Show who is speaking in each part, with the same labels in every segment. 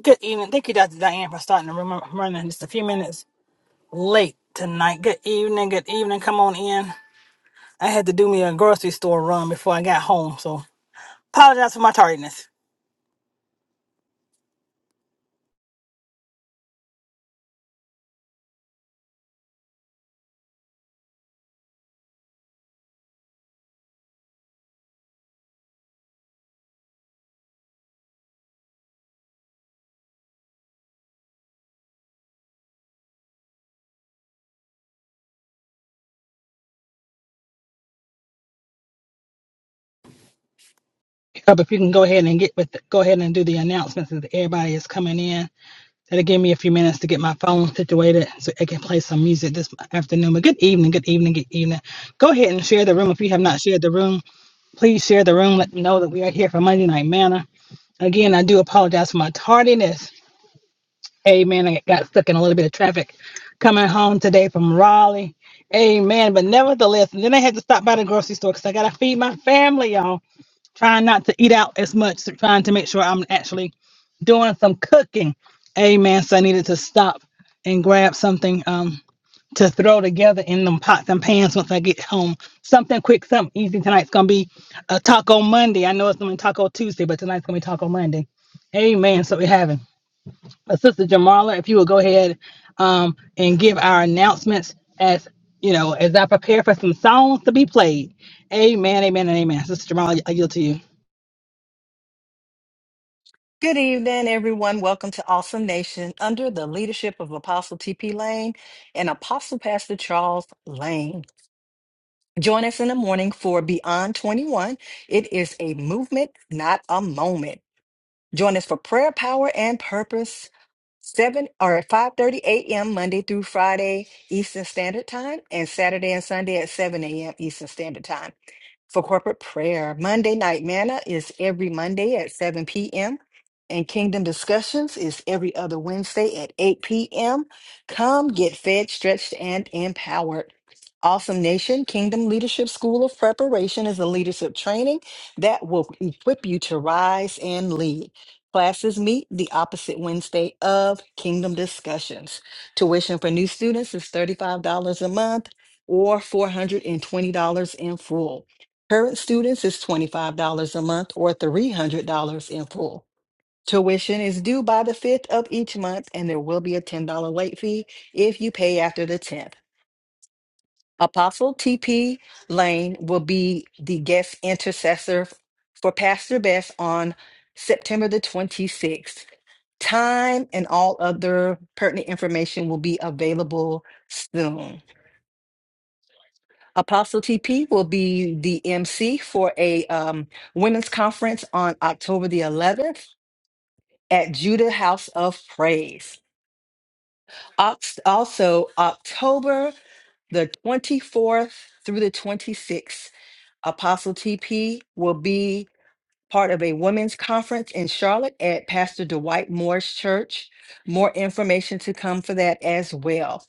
Speaker 1: Good evening. Thank you, Dr. Diane, for starting the room. I'm running just a few minutes late tonight. Good evening. Good evening. Come on in. I had to do me a grocery store run before I got home, so apologize for my tardiness. Up if you can go ahead and get with go ahead and do the announcements as everybody is coming in. That'll give me a few minutes to get my phone situated so I can play some music this afternoon. But good evening, good evening, good evening. Go ahead and share the room. If you have not shared the room, please share the room. Let them know that we are here for Monday Night Manna. Again, I do apologize for my tardiness. Amen. I got stuck in a little bit of traffic coming home today from Raleigh. Amen. But nevertheless, and then I had to stop by the grocery store because I got to feed my family, y'all. Trying not to eat out as much, trying to make sure I'm actually doing some cooking. Amen. So I needed to stop and grab something um, to throw together in them pots and pans once I get home. Something quick, something easy. Tonight's going to be a Taco Monday. I know it's going to be Taco Tuesday, but tonight's going to be Taco Monday. Amen. So we're having. Uh, Sister Jamala, if you would go ahead um, and give our announcements as you know, as I prepare for some songs to be played. Amen, amen, and amen. Sister Jamala, I yield to you.
Speaker 2: Good evening, everyone. Welcome to Awesome Nation under the leadership of Apostle T.P. Lane and Apostle Pastor Charles Lane. Join us in the morning for Beyond 21. It is a movement, not a moment. Join us for prayer, power, and purpose. 7 or 5:30 a.m. Monday through Friday Eastern Standard Time and Saturday and Sunday at 7 a.m. Eastern Standard Time for corporate prayer. Monday Night Manna is every Monday at 7 p.m. And Kingdom Discussions is every other Wednesday at 8 p.m. Come get fed, stretched, and empowered. Awesome Nation Kingdom Leadership School of Preparation is a leadership training that will equip you to rise and lead. Classes meet the opposite Wednesday of Kingdom Discussions. Tuition for new students is $35 a month or $420 in full. Current students is $25 a month or $300 in full. Tuition is due by the 5th of each month, and there will be a $10 late fee if you pay after the 10th. Apostle TP Lane will be the guest intercessor for Pastor Best on September the 26th. Time and all other pertinent information will be available soon. Apostle TP will be the MC for a um, women's conference on October the 11th at Judah House of Praise. Ox- Also, October the 24th through the 26th, Apostle TP will be part of a women's conference in Charlotte at Pastor Dwight Moore's church. More information to come for that as well.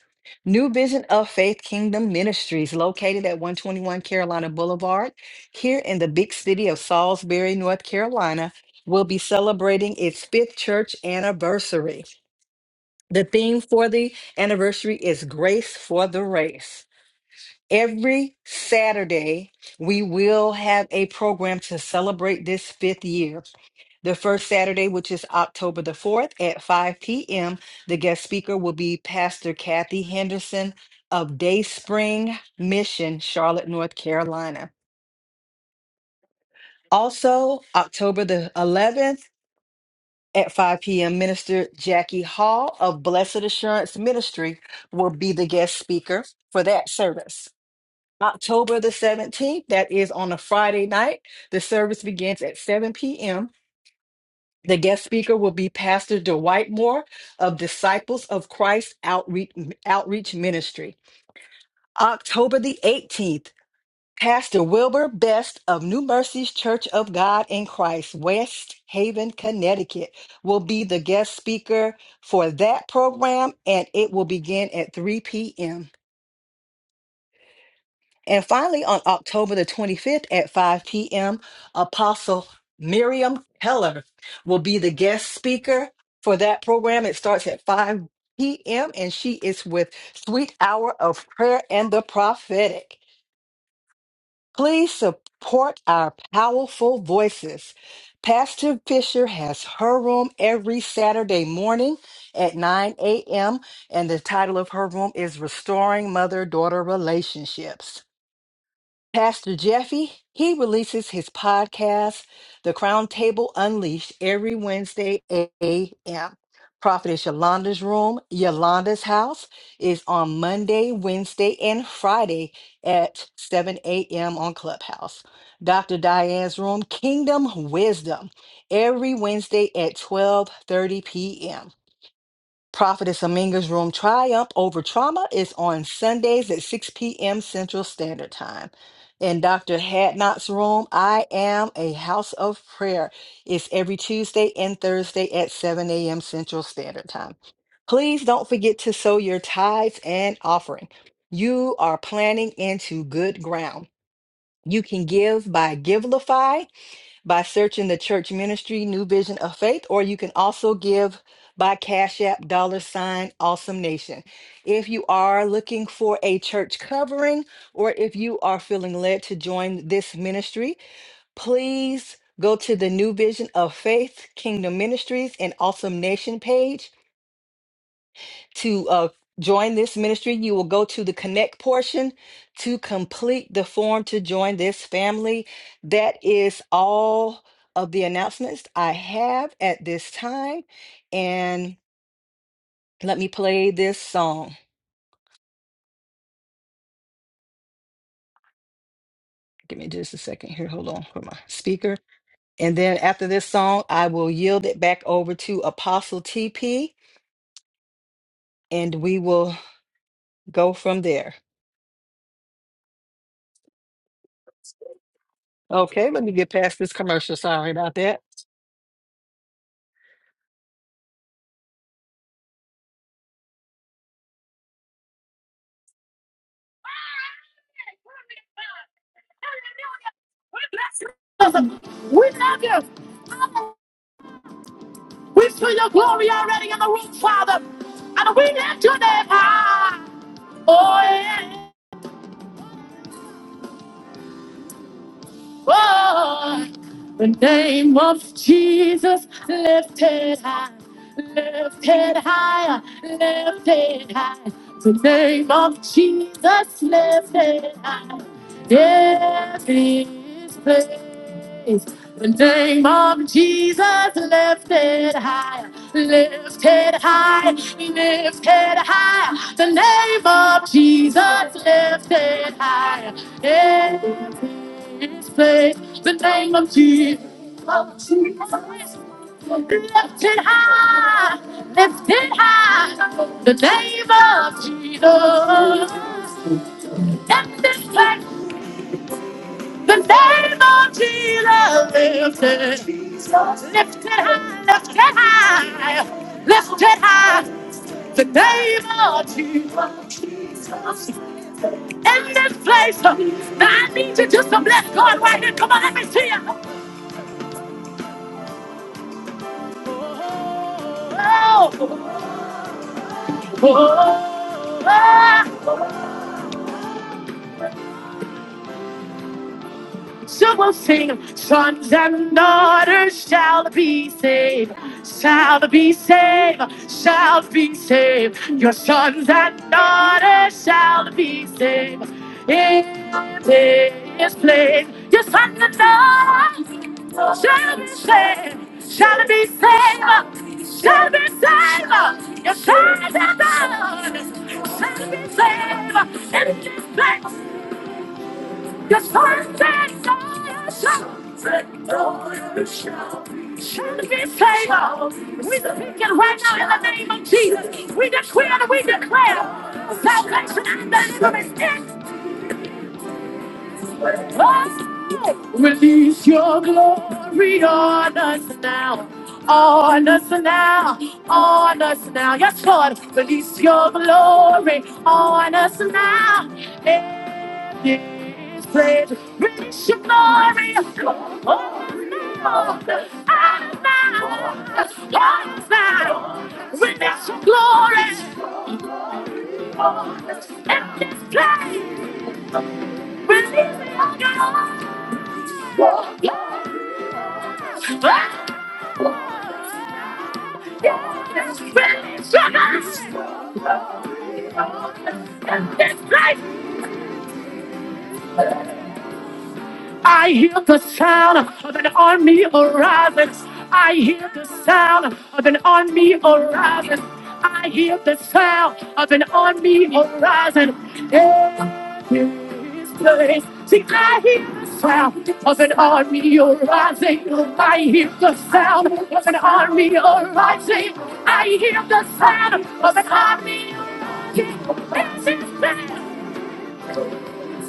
Speaker 2: New Vision of Faith Kingdom Ministries, located at 121 Carolina Boulevard, here in the big city of Salisbury, North Carolina, will be celebrating its fifth church anniversary. The theme for the anniversary is Grace for the Race. Every Saturday, we will have a program to celebrate this fifth year. The first Saturday, which is October the 4th at 5 p.m., the guest speaker will be Pastor Kathy Henderson of Day Spring Mission, Charlotte, North Carolina. Also, October the 11th at 5 p.m., Minister Jackie Hall of Blessed Assurance Ministry will be the guest speaker for that service. October the 17th, that is on a Friday night, the service begins at 7 p.m. The guest speaker will be Pastor Dwight Moore of Disciples of Christ Outreach, Outreach Ministry. October the 18th, Pastor Wilbur Best of New Mercies Church of God in Christ, West Haven, Connecticut, will be the guest speaker for that program, and it will begin at 3 p.m. And finally, on October the 25th at 5 p.m., Apostle Miriam Keller will be the guest speaker for that program. It starts at 5 p.m., and she is with Sweet Hour of Prayer and the Prophetic. Please support our powerful voices. Pastor Fisher has her room every Saturday morning at 9 a.m., and the title of her room is Restoring Mother Daughter Relationships. Pastor Jeffy, he releases his podcast, The Crown Table Unleashed, every Wednesday at 8 a.m. Prophetess Yolanda's Room, Yolanda's House is on Monday, Wednesday, and Friday at 7 a.m. on Clubhouse. Dr. Diane's Room, Kingdom Wisdom, every Wednesday at 12.30 p.m. Prophetess Aminga's Room Triumph Over Trauma is on Sundays at 6 p.m. Central Standard Time. and Dr. Hadnot's Room, I Am a House of Prayer is every Tuesday and Thursday at 7 a.m. Central Standard Time. Please don't forget to sow your tithes and offering. You are planting into good ground. You can give by Givelify by searching the church ministry New Vision of Faith, or you can also give by Cash App dollar sign Awesome Nation. If you are looking for a church covering, or if you are feeling led to join this ministry, please go to the New Vision of Faith Kingdom Ministries and Awesome Nation page to uh, join this ministry, you will go to the connect portion to complete the form to join this family. That is all of the announcements I have at this time. And let me play this song. Give me just a second here. Hold on for my speaker. And then after this song, I will yield it back over to Apostle TP and we will go from there. Okay, let me get past this commercial. Sorry about that. We bless you. We love you. Father, We see your glory already in the room, Father. And we lift your name high. Oh, yeah. Oh, the name of Jesus lifted high, lifted high, lifted high. The name of Jesus lifted high. Every place. The name of Jesus lifted high, lifted high, lifted high. The name of Jesus lifted high. In this place, the name of Jesus. Lifted high, lifted high, the name of Jesus. in this place. The name of Jesus lifted, lifted high, lifted high, lifted high. The name of Jesus in this place. Now I need you just to bless God right here. Come on, let me see you. Oh, oh, oh, So we'll sing, sons and daughters shall be saved, shall be saved, shall be saved. Your sons and daughters shall be saved in this place. Your sons and daughters shall be saved, shall be saved, shall be saved. Your sons and daughters shall be saved in this place. Yes, first and last victorious shall be shall be saved. We speak it right now in the name of Jesus. We decree and we declare salvation and deliverance is us. Release your glory on us now. On us now, on us now. Yes, Lord, release your glory on us now. Yes, praise missionary. Oh, no. I'm found. Release your glory. In this place, release your glory. Yes, release your glory. In this place, I hear the sound of an army arising. I hear the sound of an army arising. I hear the sound of an army arising. In this place. See, I hear the sound of an army arising. I hear the sound of an army arising. I hear the sound of an army arising. This is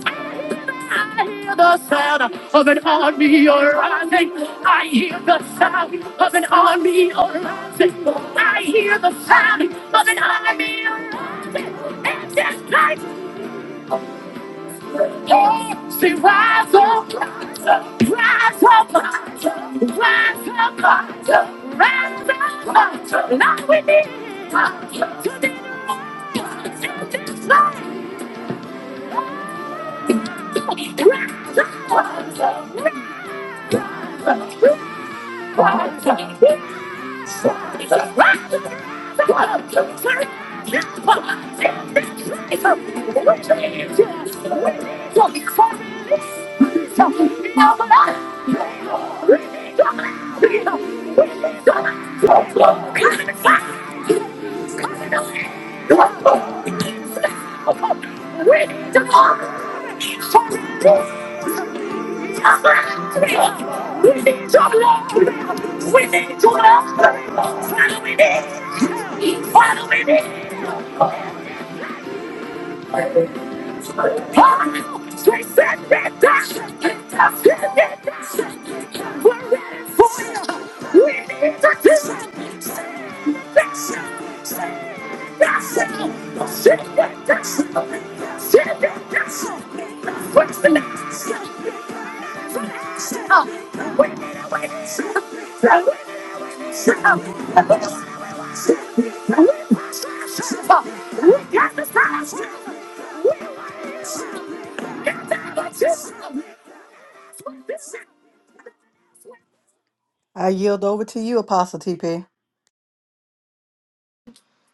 Speaker 2: I hear the sound of an army arising. I hear the sound of an army arising. I hear the sound of an army arising. And this like oh, say, rise up, rise up, rise up, rise up, rise up, rise up, rise up. Now we need is to be to this life. Rise up, rise up, rise up. Sorry. We need your love. We need your love. What do we need? What do we need? Oh, she said that She said that We're ready for you. We need to do it. That's it. That's it. She said that She said that What's the next? What's the next? I yield over to you, Apostle TP.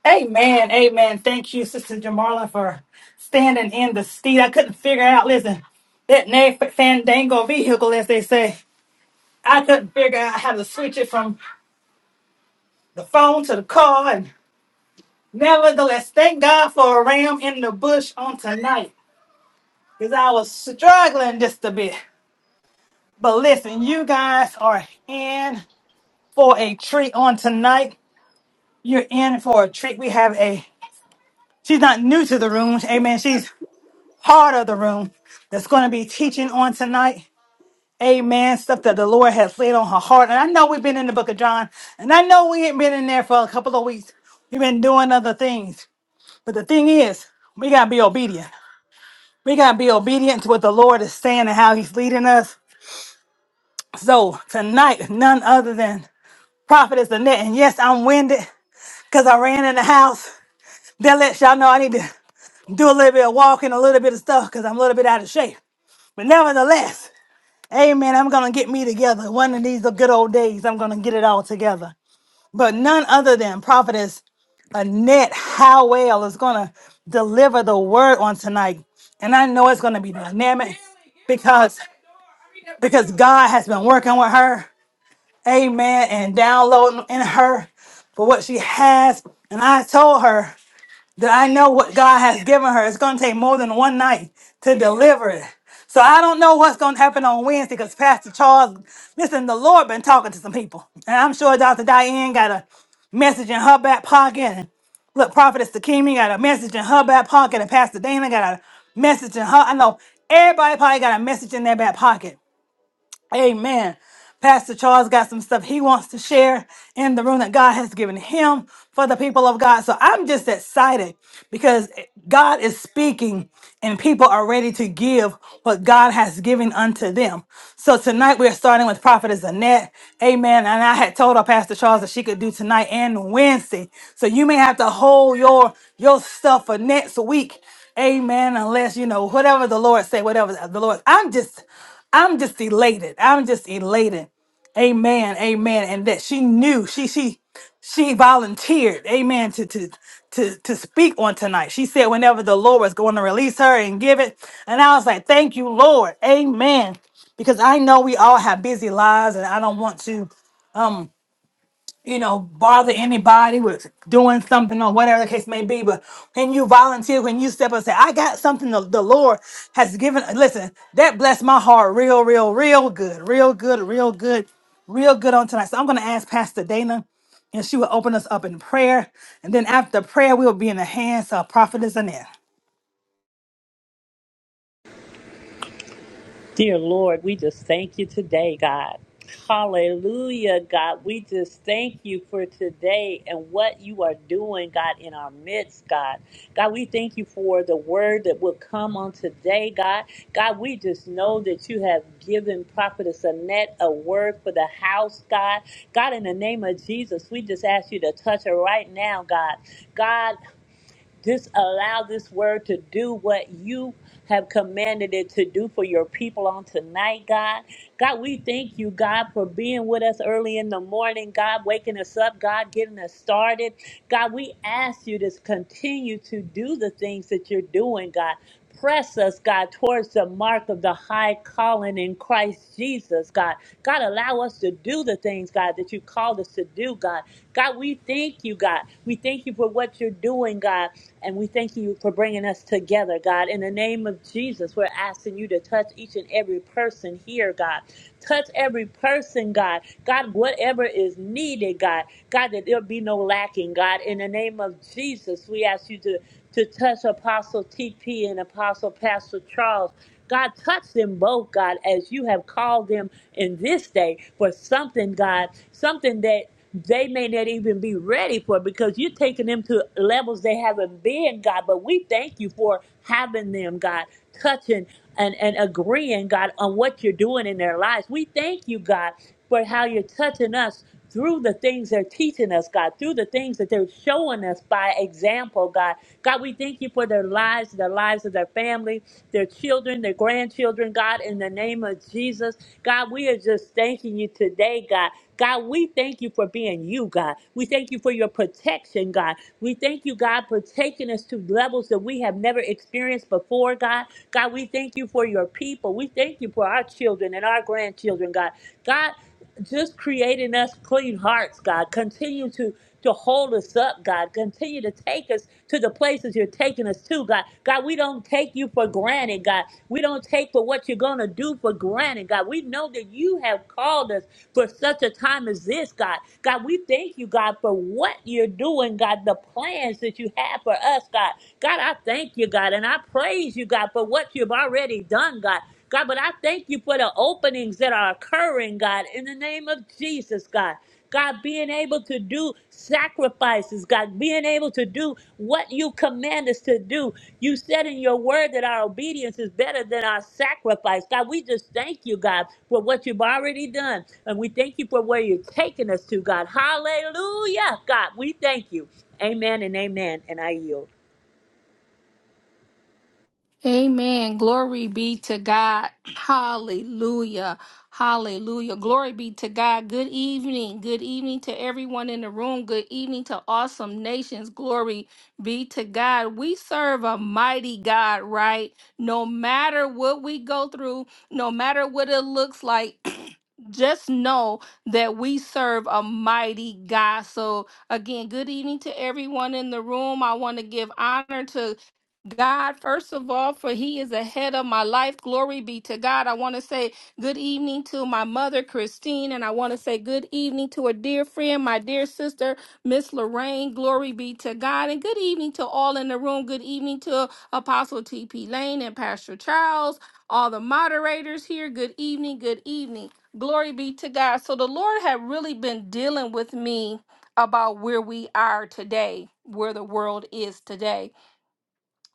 Speaker 1: Amen. Amen. Thank you, Sister Jamarla, for standing in the seat. I couldn't figure out, listen, that nag fandango vehicle, as they say, I couldn't figure out how to switch it from the phone to the car. And nevertheless, thank God for a ram in the bush on tonight because I was struggling just a bit. But listen, you guys are in for a treat on tonight. You're in for a treat. We have a, she's not new to the room. Amen. She's part of the room that's going to be teaching on tonight. Amen. Stuff that the Lord has laid on her heart. And I know we've been in the book of John, and I know we ain't been in there for a couple of weeks. We've been doing other things. But the thing is, we got to be obedient. We got to be obedient to what the Lord is saying and how he's leading us. So tonight, none other than Prophetess Annette, and yes, I'm winded because I ran in the house. That lets y'all know I need to do a little bit of walking, a little bit of stuff because I'm a little bit out of shape. But nevertheless, amen, I'm going to get me together. One of these good old days, I'm going to get it all together. But none other than Prophetess Annette Howell is going to deliver the word on tonight. And I know it's going to be dynamic because because God has been working with her. amen, and downloading in her for what she has. And I told her that I know what God has given her. It's going to take more than one night to deliver it. So I don't know what's going to happen on Wednesday because Pastor Charles, listen, the Lord been talking to some people. And I'm sure Dr. Diane got a message in her back pocket. And look, Prophetess Takimi got a message in her back pocket. And Pastor Dana got a message in her. I know everybody probably got a message in their back pocket. Amen. Pastor Charles got some stuff he wants to share in the room that God has given him for the people of God. So I'm just excited because God is speaking and people are ready to give what God has given unto them. So tonight we're starting with Prophetess Annette. Amen. And I had told our Pastor Charles that she could do tonight and Wednesday. So you may have to hold your, your stuff for next week Amen. Unless you know whatever the Lord say, whatever the Lord. I'm just, I'm just elated. I'm just elated. Amen. Amen. And that she knew. She she she volunteered. Amen. To to to to speak on tonight. She said whenever the Lord was going to release her and give it. And I was like, thank you, Lord. Amen. Because I know we all have busy lives, and I don't want to. um, you know, bother anybody with doing something or whatever the case may be. But when you volunteer, when you step up and say, I got something the, the Lord has given, listen, that blessed my heart real, real, real good, real good, real good, real good on tonight. So I'm going to ask Pastor Dana and she will open us up in prayer. And then after prayer, we'll be in the hands of Prophetess Annette.
Speaker 3: Dear Lord, we just thank you today, God. Hallelujah, God. We just thank you for today and what you are doing, God, in our midst, God. God, we thank you for the word that will come on today, God. God, we just know that you have given Prophetess Annette a word for the house, God. God, in the name of Jesus, we just ask you to touch her right now, God. God, just allow this word to do what you have commanded it to do for your people on tonight, God. God, we thank you, God, for being with us early in the morning, God, waking us up, God, getting us started. God, we ask you to continue to do the things that you're doing, God. Press us, God, towards the mark of the high calling in Christ Jesus, God. God, allow us to do the things, God, that you called us to do, God. God, we thank you, God. We thank you for what you're doing, God. And we thank you for bringing us together, God. In the name of Jesus, we're asking you to touch each and every person here, God. Touch every person, God. God, whatever is needed, God. God, that there'll be no lacking, God. In the name of Jesus, we ask you to, to touch Apostle TP and Apostle Pastor Charles. God, touch them both, God, as you have called them in this day for something, God, something that they may not even be ready for it because you're taking them to levels they haven't been, God. But we thank you for having them, God, touching and, and agreeing, God, on what you're doing in their lives. We thank you, God, for how you're touching us through the things they're teaching us, God, through the things that they're showing us by example, God. God, we thank you for their lives, the lives of their family, their children, their grandchildren, God, in the name of Jesus. God, we are just thanking you today, God. God, we thank you for being you, God. We thank you for your protection, God. We thank you, God, for taking us to levels that we have never experienced before, God. God, we thank you for your people. We thank you for our children and our grandchildren, God. God, just creating us clean hearts, God. Continue to to hold us up, God. Continue to take us to the places you're taking us to, God. God, we don't take you for granted, God. We don't take for what you're going to do for granted, God. We know that you have called us for such a time as this, God. God, we thank you, God, for what you're doing, God, the plans that you have for us, God. God, I thank you, God, and I praise you, God, for what you've already done, God. God, but I thank you for the openings that are occurring, God, in the name of Jesus, God. God, being able to do sacrifices, God, being able to do what you command us to do. You said in your word that our obedience is better than our sacrifice. God, we just thank you, God, for what you've already done. And we thank you for where you're taking us to, God. Hallelujah, God. We thank you. Amen and amen. And I yield.
Speaker 4: Amen. Glory be to God. Hallelujah. Hallelujah. Glory be to God. Good evening. Good evening to everyone in the room. Good evening to awesome nations. Glory be to God. We serve a mighty God, right? No matter what we go through, no matter what it looks like, just know that we serve a mighty God. So, again, good evening to everyone in the room. I want to give honor to God, first of all, for He is ahead of my life. Glory be to God. I want to say good evening to my mother, Christine, and I want to say good evening to a dear friend, my dear sister, Miss Lorraine. Glory be to God. And good evening to all in the room. Good evening to Apostle T.P. Lane and Pastor Charles, all the moderators here. Good evening. Good evening. Glory be to God. So the Lord had really been dealing with me about where we are today, where the world is today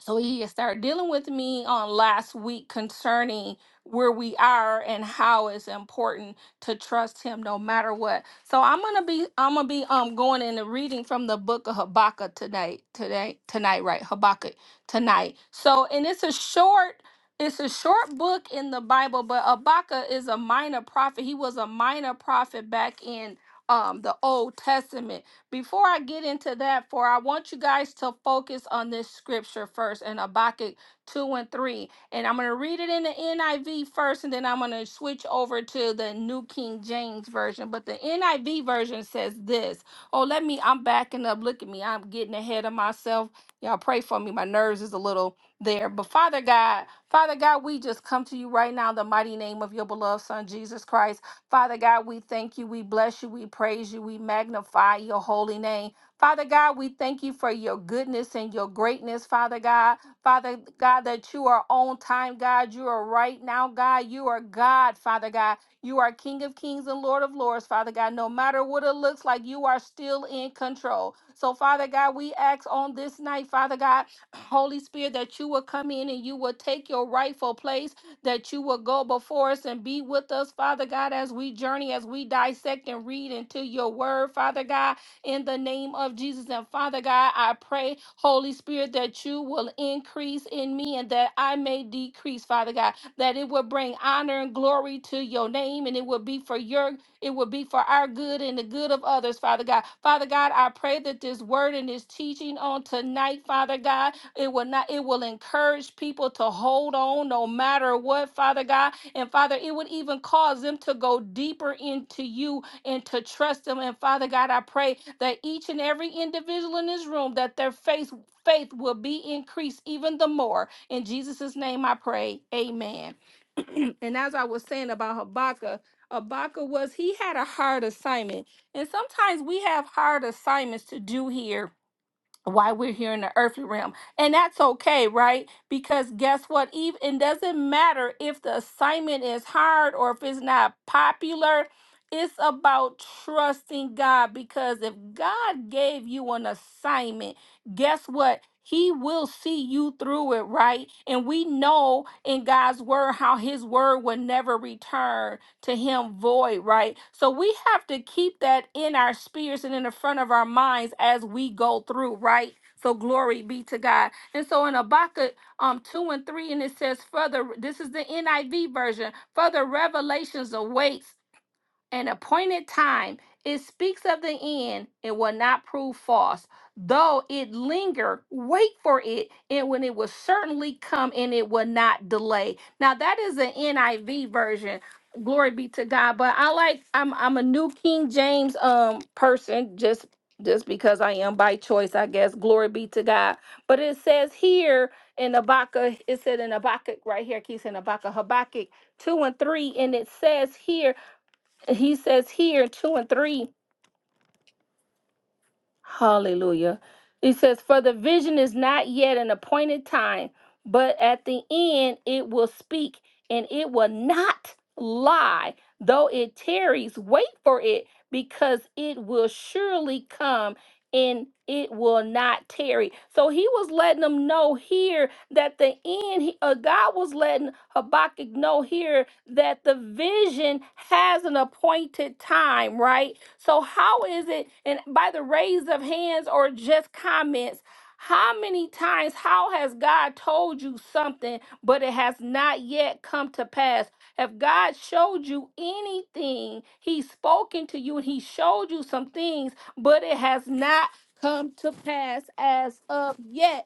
Speaker 4: so he started dealing with me on last week concerning where we are and how it's important to trust him no matter what. So I'm gonna be I'm gonna be um going into reading from the book of Habakkuk tonight, today, tonight, right? Habakkuk tonight. So and it's a short it's a short book in the Bible, but Habakkuk is a minor prophet. He was a minor prophet back in um the Old Testament. Before I get into that, for I want you guys to focus on this scripture first in Habakkuk 2 and 3. And I'm going to read it in the NIV first, and then I'm going to switch over to the New King James Version. But the NIV version says this. Oh, let me, I'm backing up. Look at me. I'm getting ahead of myself. Y'all pray for me. My nerves is a little there. But Father God, Father God, we just come to you right now in the mighty name of your beloved Son, Jesus Christ. Father God, we thank you. We bless you. We praise you. We magnify your holy name. Father God, we thank you for your goodness and your greatness, Father God. Father God, that you are on time, God. You are right now, God. You are God, Father God. You are King of Kings and Lord of Lords, Father God. No matter what it looks like, you are still in control. So, Father God, we ask on this night, Father God, Holy Spirit, that you will come in and you will take your rightful place that you will go before us and be with us, Father God, as we journey, as we dissect and read into your word, Father God, in the name of Jesus. And Father God, I pray, Holy Spirit, that you will increase in me and that I may decrease, Father God, that it will bring honor and glory to your name and it will be for your it will be for our good and the good of others, Father God. Father God, I pray that this word and this teaching on tonight, Father God, it will not, it will encourage people to hold on no matter what, Father God. And Father, it would even cause them to go deeper into you and to trust them. And Father God, I pray that each and every individual in this room, that their faith, faith will be increased even the more. In Jesus' name I pray. Amen. And as I was saying about Habakkuk, Habakkuk was he had a hard assignment. And sometimes we have hard assignments to do here why we're here in the earthly realm. And that's okay, right? Because guess what? Even it doesn't matter if the assignment is hard or if it's not popular. It's about trusting God because if God gave you an assignment, guess what? He will see you through it, right? And we know in God's word how his word will never return to him void, right? So we have to keep that in our spirits and in the front of our minds as we go through, right? So glory be to God. And so in Habakkuk um 2 and 3, and it says, further, this is the NIV version, further revelations awaits an appointed time. It speaks of the end and will not prove false. Though it linger, wait for it, and when it will certainly come and it will not delay. Now that is an NIV version. Glory be to God. But I like I'm I'm a new King James um person, just just because I am by choice, I guess. Glory be to God. But it says here in Habakkuk, it said in Habakkuk right here, it keeps saying Habakkuk, Habakkuk 2 and 3, and it says here he says here, two and three, hallelujah. He says, For the vision is not yet an appointed time, but at the end it will speak and it will not lie. Though it tarries, wait for it because it will surely come and it will not tarry. So he was letting them know here that the end, he- uh, God was letting Habakkuk know here that the vision has an appointed time, right? So, how is it, and by the raise of hands or just comments, how many times, how has God told you something, but it has not yet come to pass? If God showed you anything, He's spoken to you and He showed you some things, but it has not come to pass as of yet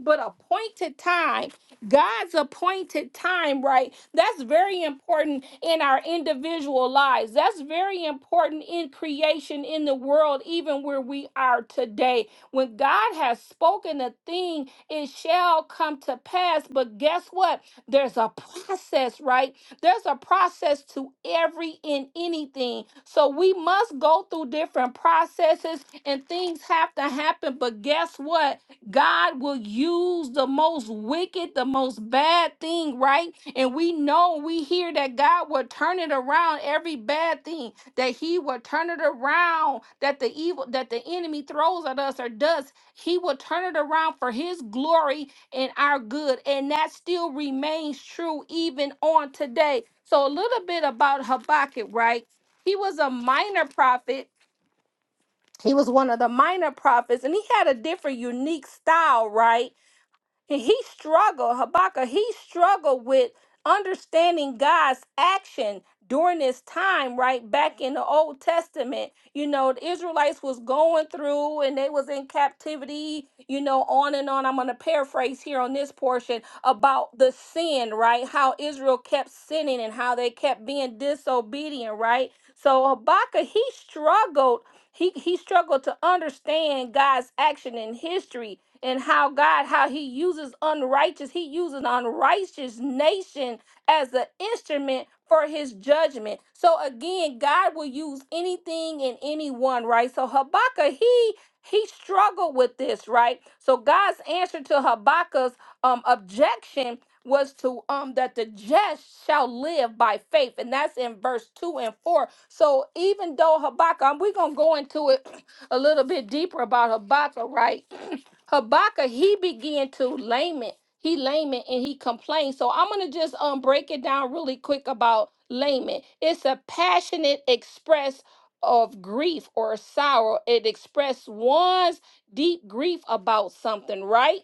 Speaker 4: but appointed time, God's appointed time, right? That's very important in our individual lives. That's very important in creation, in the world, even where we are today. When God has spoken a thing, it shall come to pass. But guess what? There's a process, right? There's a process to every and anything. So we must go through different processes and things have to happen. But guess what? God will use the most wicked, the most bad thing, right? And we know, we hear that God will turn it around every bad thing, that He will turn it around, that the evil, that the enemy throws at us or does, He will turn it around for His glory and our good. And that still remains true even on today. So, a little bit about Habakkuk, right? He was a minor prophet. He was one of the minor prophets, and he had a different, unique style, right? And he struggled, Habakkuk, he struggled with understanding God's action during this time, right? Back in the Old Testament, you know, the Israelites was going through and they was in captivity, you know, on and on. I'm going to paraphrase here on this portion about the sin, right? How Israel kept sinning and how they kept being disobedient, right? So Habakkuk, he struggled. He, he struggled to understand God's action in history and how God, how He uses unrighteous, He uses unrighteous nation as an instrument for His judgment. So again, God will use anything and anyone, right? So Habakkuk, he he struggled with this, right? So God's answer to Habakkuk's um objection was to um that the just shall live by faith, and that's in verse two and four. So even though Habakkuk, we're gonna go into it a little bit deeper about Habakkuk, right? Habakkuk, he began to lament. He lament and he complained. So I'm gonna just um break it down really quick about lament. It's a passionate express of grief or sorrow. It expresses one's deep grief about something, right?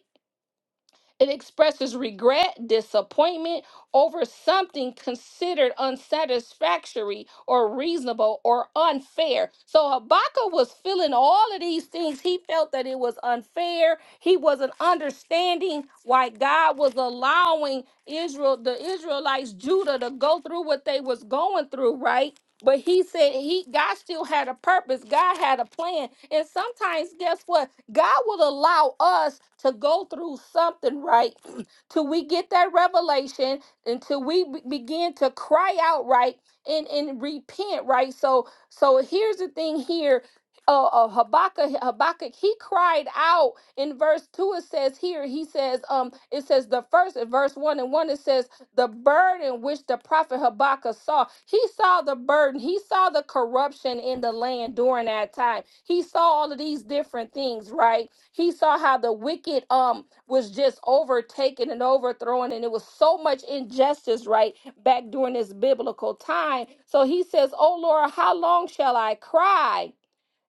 Speaker 4: It expresses regret, disappointment over something considered unsatisfactory or reasonable or unfair. So Habakkuk was feeling all of these things. He felt that it was unfair. He wasn't understanding why God was allowing Israel, the Israelites, Judah to go through what they was going through, right? But he said he God still had a purpose. God had a plan. And sometimes guess what? God will allow us to go through something, right? Till we get that revelation, until we be- begin to cry out, right? And, and repent, right? So, so here's the thing here. Uh, uh, Habakkuk, Habakkuk, he cried out in verse two. It says here, he says, um, it says the first in verse one and one. It says the burden which the prophet Habakkuk saw. He saw the burden, he saw the corruption in the land during that time. He saw all of these different things, right? He saw how the wicked um was just overtaken and overthrown, and it was so much injustice, right, back during this biblical time. So he says, Oh Lord, how long shall I cry?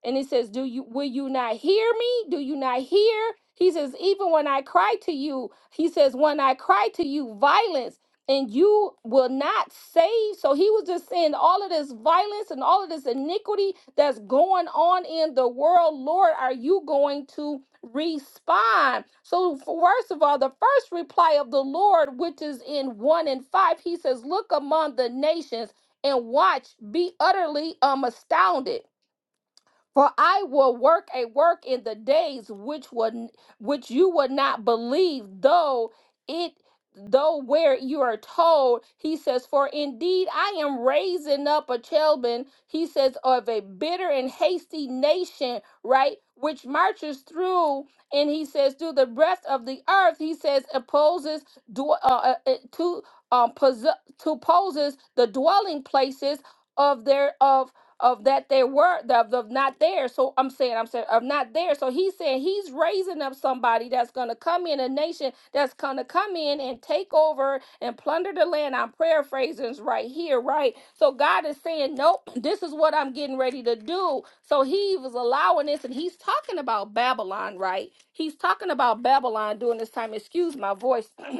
Speaker 4: and it says, "Do you will you not hear me? Do you not hear?" He says, "Even when I cry to you, he says, when I cry to you, violence." And you will not save. So he was just saying all of this violence and all of this iniquity that's going on in the world. Lord, are you going to respond? So, first of all, the first reply of the Lord, which is in 1 and 5, he says, Look among the nations and watch, be utterly um, astounded for I will work a work in the days which would which you would not believe, though it though where you are told, he says, For indeed I am raising up a Chelban, he says, of a bitter and hasty nation, right? Which marches through, and he says, through the breadth of the earth, he says, opposes dw- uh, uh, uh, to um, pos- to opposes the dwelling places of their of of that they were of, of not there. So I'm saying, I'm saying of not there. So he's saying he's raising up somebody that's gonna come in a nation that's gonna come in and take over and plunder the land. I'm paraphrasing right here, right? So God is saying, Nope, this is what I'm getting ready to do. So he was allowing this and he's talking about Babylon, right? He's talking about Babylon during this time. Excuse my voice.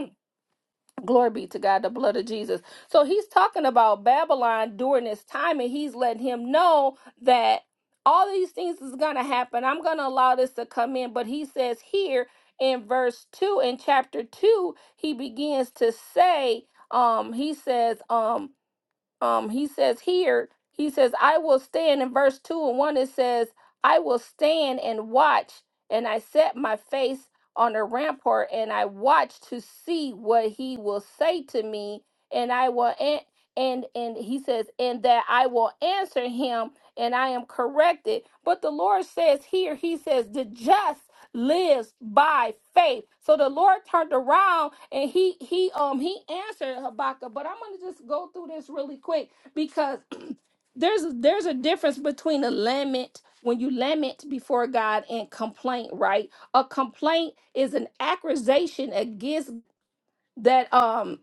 Speaker 4: Glory be to God, the blood of Jesus. So he's talking about Babylon during this time, and he's letting him know that all these things is going to happen. I'm going to allow this to come in. But he says here in verse 2, in chapter 2, he begins to say, um, he says, um, um he says here he says i will stand in verse 2 and 1 it says i will stand and watch and i set my face on a rampart and i watch to see what he will say to me and i will an- and and he says and that i will answer him and i am corrected but the lord says here he says the just lives by faith. So the Lord turned around and he he um he answered Habakkuk. But I'm gonna just go through this really quick because there's there's a difference between a lament when you lament before God and complaint, right? A complaint is an accusation against that um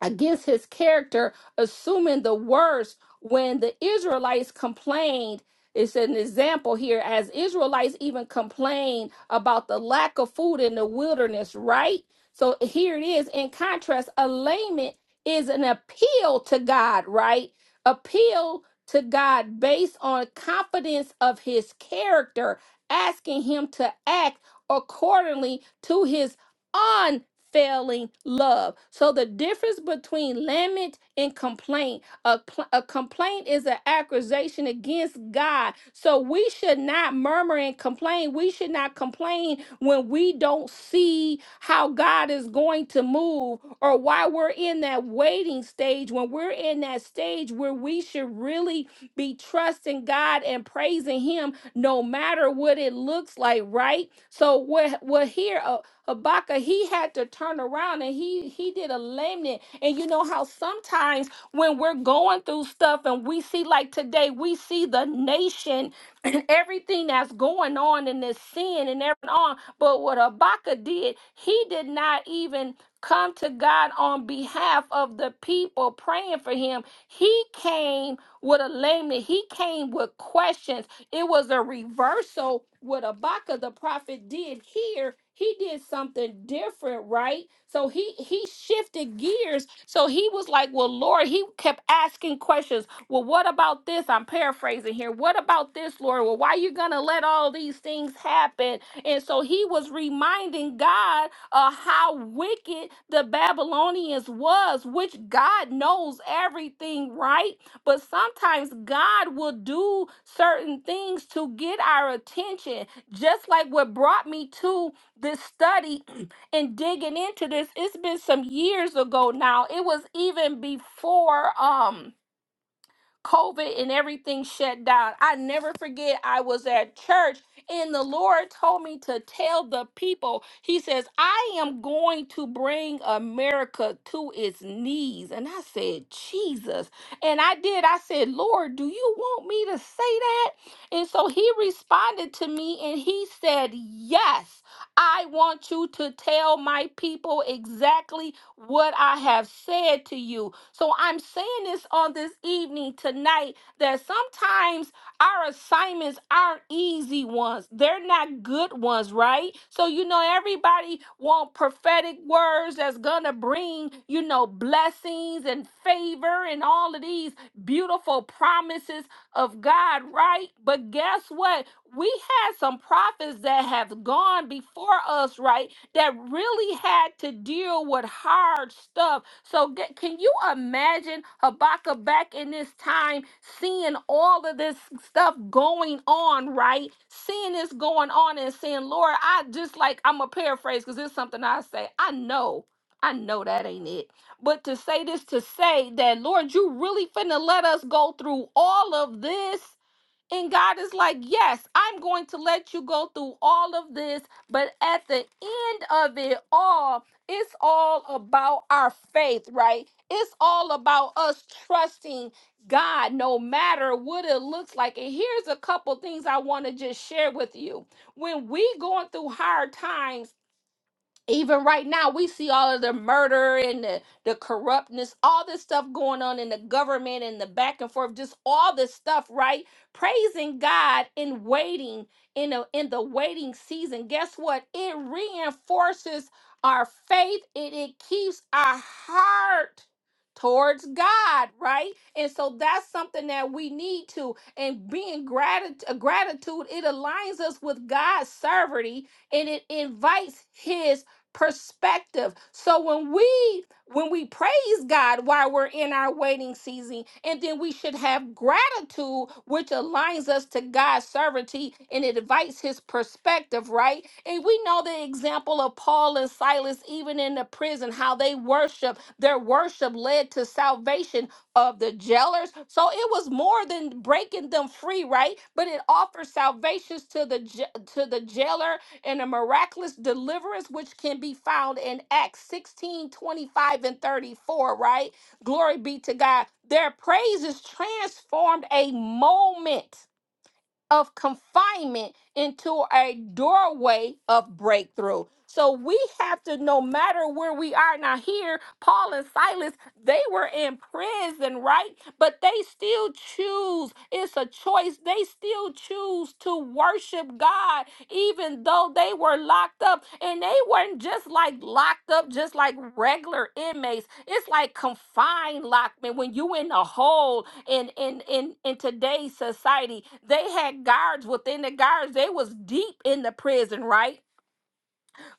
Speaker 4: against his character, assuming the worst when the Israelites complained. It's an example here as Israelites even complained about the lack of food in the wilderness, right? So here it is. In contrast, alignment is an appeal to God, right? Appeal to God based on confidence of his character, asking him to act accordingly to his unfailing love. So the difference between lament and complaint, a, pl- a complaint is an accusation against God. So we should not murmur and complain. We should not complain when we don't see how God is going to move or why we're in that waiting stage, when we're in that stage where we should really be trusting God and praising Him no matter what it looks like, right? So what what here uh, Habakkuk he had to turn around and he he did a lament. And you know how sometimes when we're going through stuff and we see like today we see the nation and everything that's going on in this sin and everything on. But what Habakkuk did, he did not even come to God on behalf of the people praying for him. He came with a lameness, he came with questions. It was a reversal. What Habakkuk the prophet did here, he did something different, right? So he he shifted gears. So he was like, "Well, Lord," he kept asking questions. Well, what about this? I'm paraphrasing here. What about this, Lord? Well, why are you gonna let all these things happen? And so he was reminding God of how wicked the Babylonians was, which God knows everything, right? But sometimes God will do certain things to get our attention. Just like what brought me to this study and digging into this, it's been some years ago now. It was even before um COVID and everything shut down. I never forget, I was at church and the Lord told me to tell the people, He says, I am going to bring America to its knees. And I said, Jesus. And I did. I said, Lord, do you want me to say that? And so He responded to me and He said, Yes. I want you to tell my people exactly what I have said to you. So I'm saying this on this evening tonight that sometimes our assignments aren't easy ones. They're not good ones, right? So you know everybody want prophetic words that's going to bring, you know, blessings and favor and all of these beautiful promises of God, right? But guess what? We had some prophets that have gone before us, right? That really had to deal with hard stuff. So, g- can you imagine Habakkuk back in this time seeing all of this stuff going on, right? Seeing this going on and saying, Lord, I just like, I'm a paraphrase because it's something I say, I know, I know that ain't it. But to say this to say that, Lord, you really finna let us go through all of this. And God is like, yes, I'm going to let you go through all of this. But at the end of it all, it's all about our faith, right? It's all about us trusting God no matter what it looks like. And here's a couple things I want to just share with you. When we going through hard times, even right now we see all of the murder and the, the corruptness all this stuff going on in the government and the back and forth just all this stuff right praising god in waiting in the in the waiting season guess what it reinforces our faith and it keeps our heart towards god right and so that's something that we need to and being gratitude gratitude it aligns us with god's sovereignty and it invites his perspective. So when we when we praise God while we're in our waiting season, and then we should have gratitude, which aligns us to God's sovereignty and it invites his perspective, right? And we know the example of Paul and Silas, even in the prison, how they worship, their worship led to salvation of the jailers. So it was more than breaking them free, right? But it offers salvations to the ja- to the jailer and a miraculous deliverance which can be found in Acts 16 25 and 34, right? Glory be to God. Their praises transformed a moment of confinement into a doorway of breakthrough. So we have to, no matter where we are now, here, Paul and Silas, they were in prison, right? But they still choose, it's a choice. They still choose to worship God, even though they were locked up. And they weren't just like locked up, just like regular inmates. It's like confined lockment when you in a hole in in in in today's society they had guards within the guards they was deep in the prison right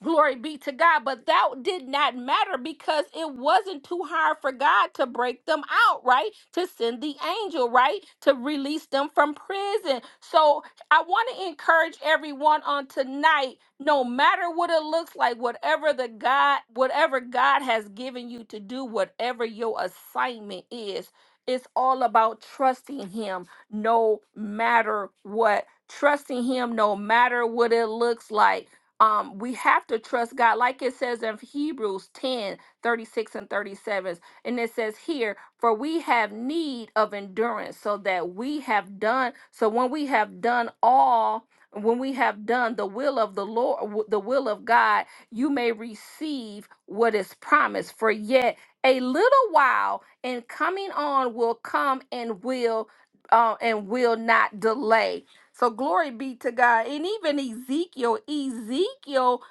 Speaker 4: Glory be to God. But that did not matter because it wasn't too hard for God to break them out, right? To send the angel, right? To release them from prison. So I want to encourage everyone on tonight, no matter what it looks like, whatever the God, whatever God has given you to do, whatever your assignment is, it's all about trusting him no matter what. Trusting him no matter what it looks like um, we have to trust God, like it says in Hebrews 10 36 and 37. And it says here, For we have need of endurance, so that we have done, so when we have done all, when we have done the will of the Lord, w- the will of God, you may receive what is promised. For yet a little while, and coming on will come and will. Uh, and will not delay so glory be to God. And even Ezekiel, Ezekiel,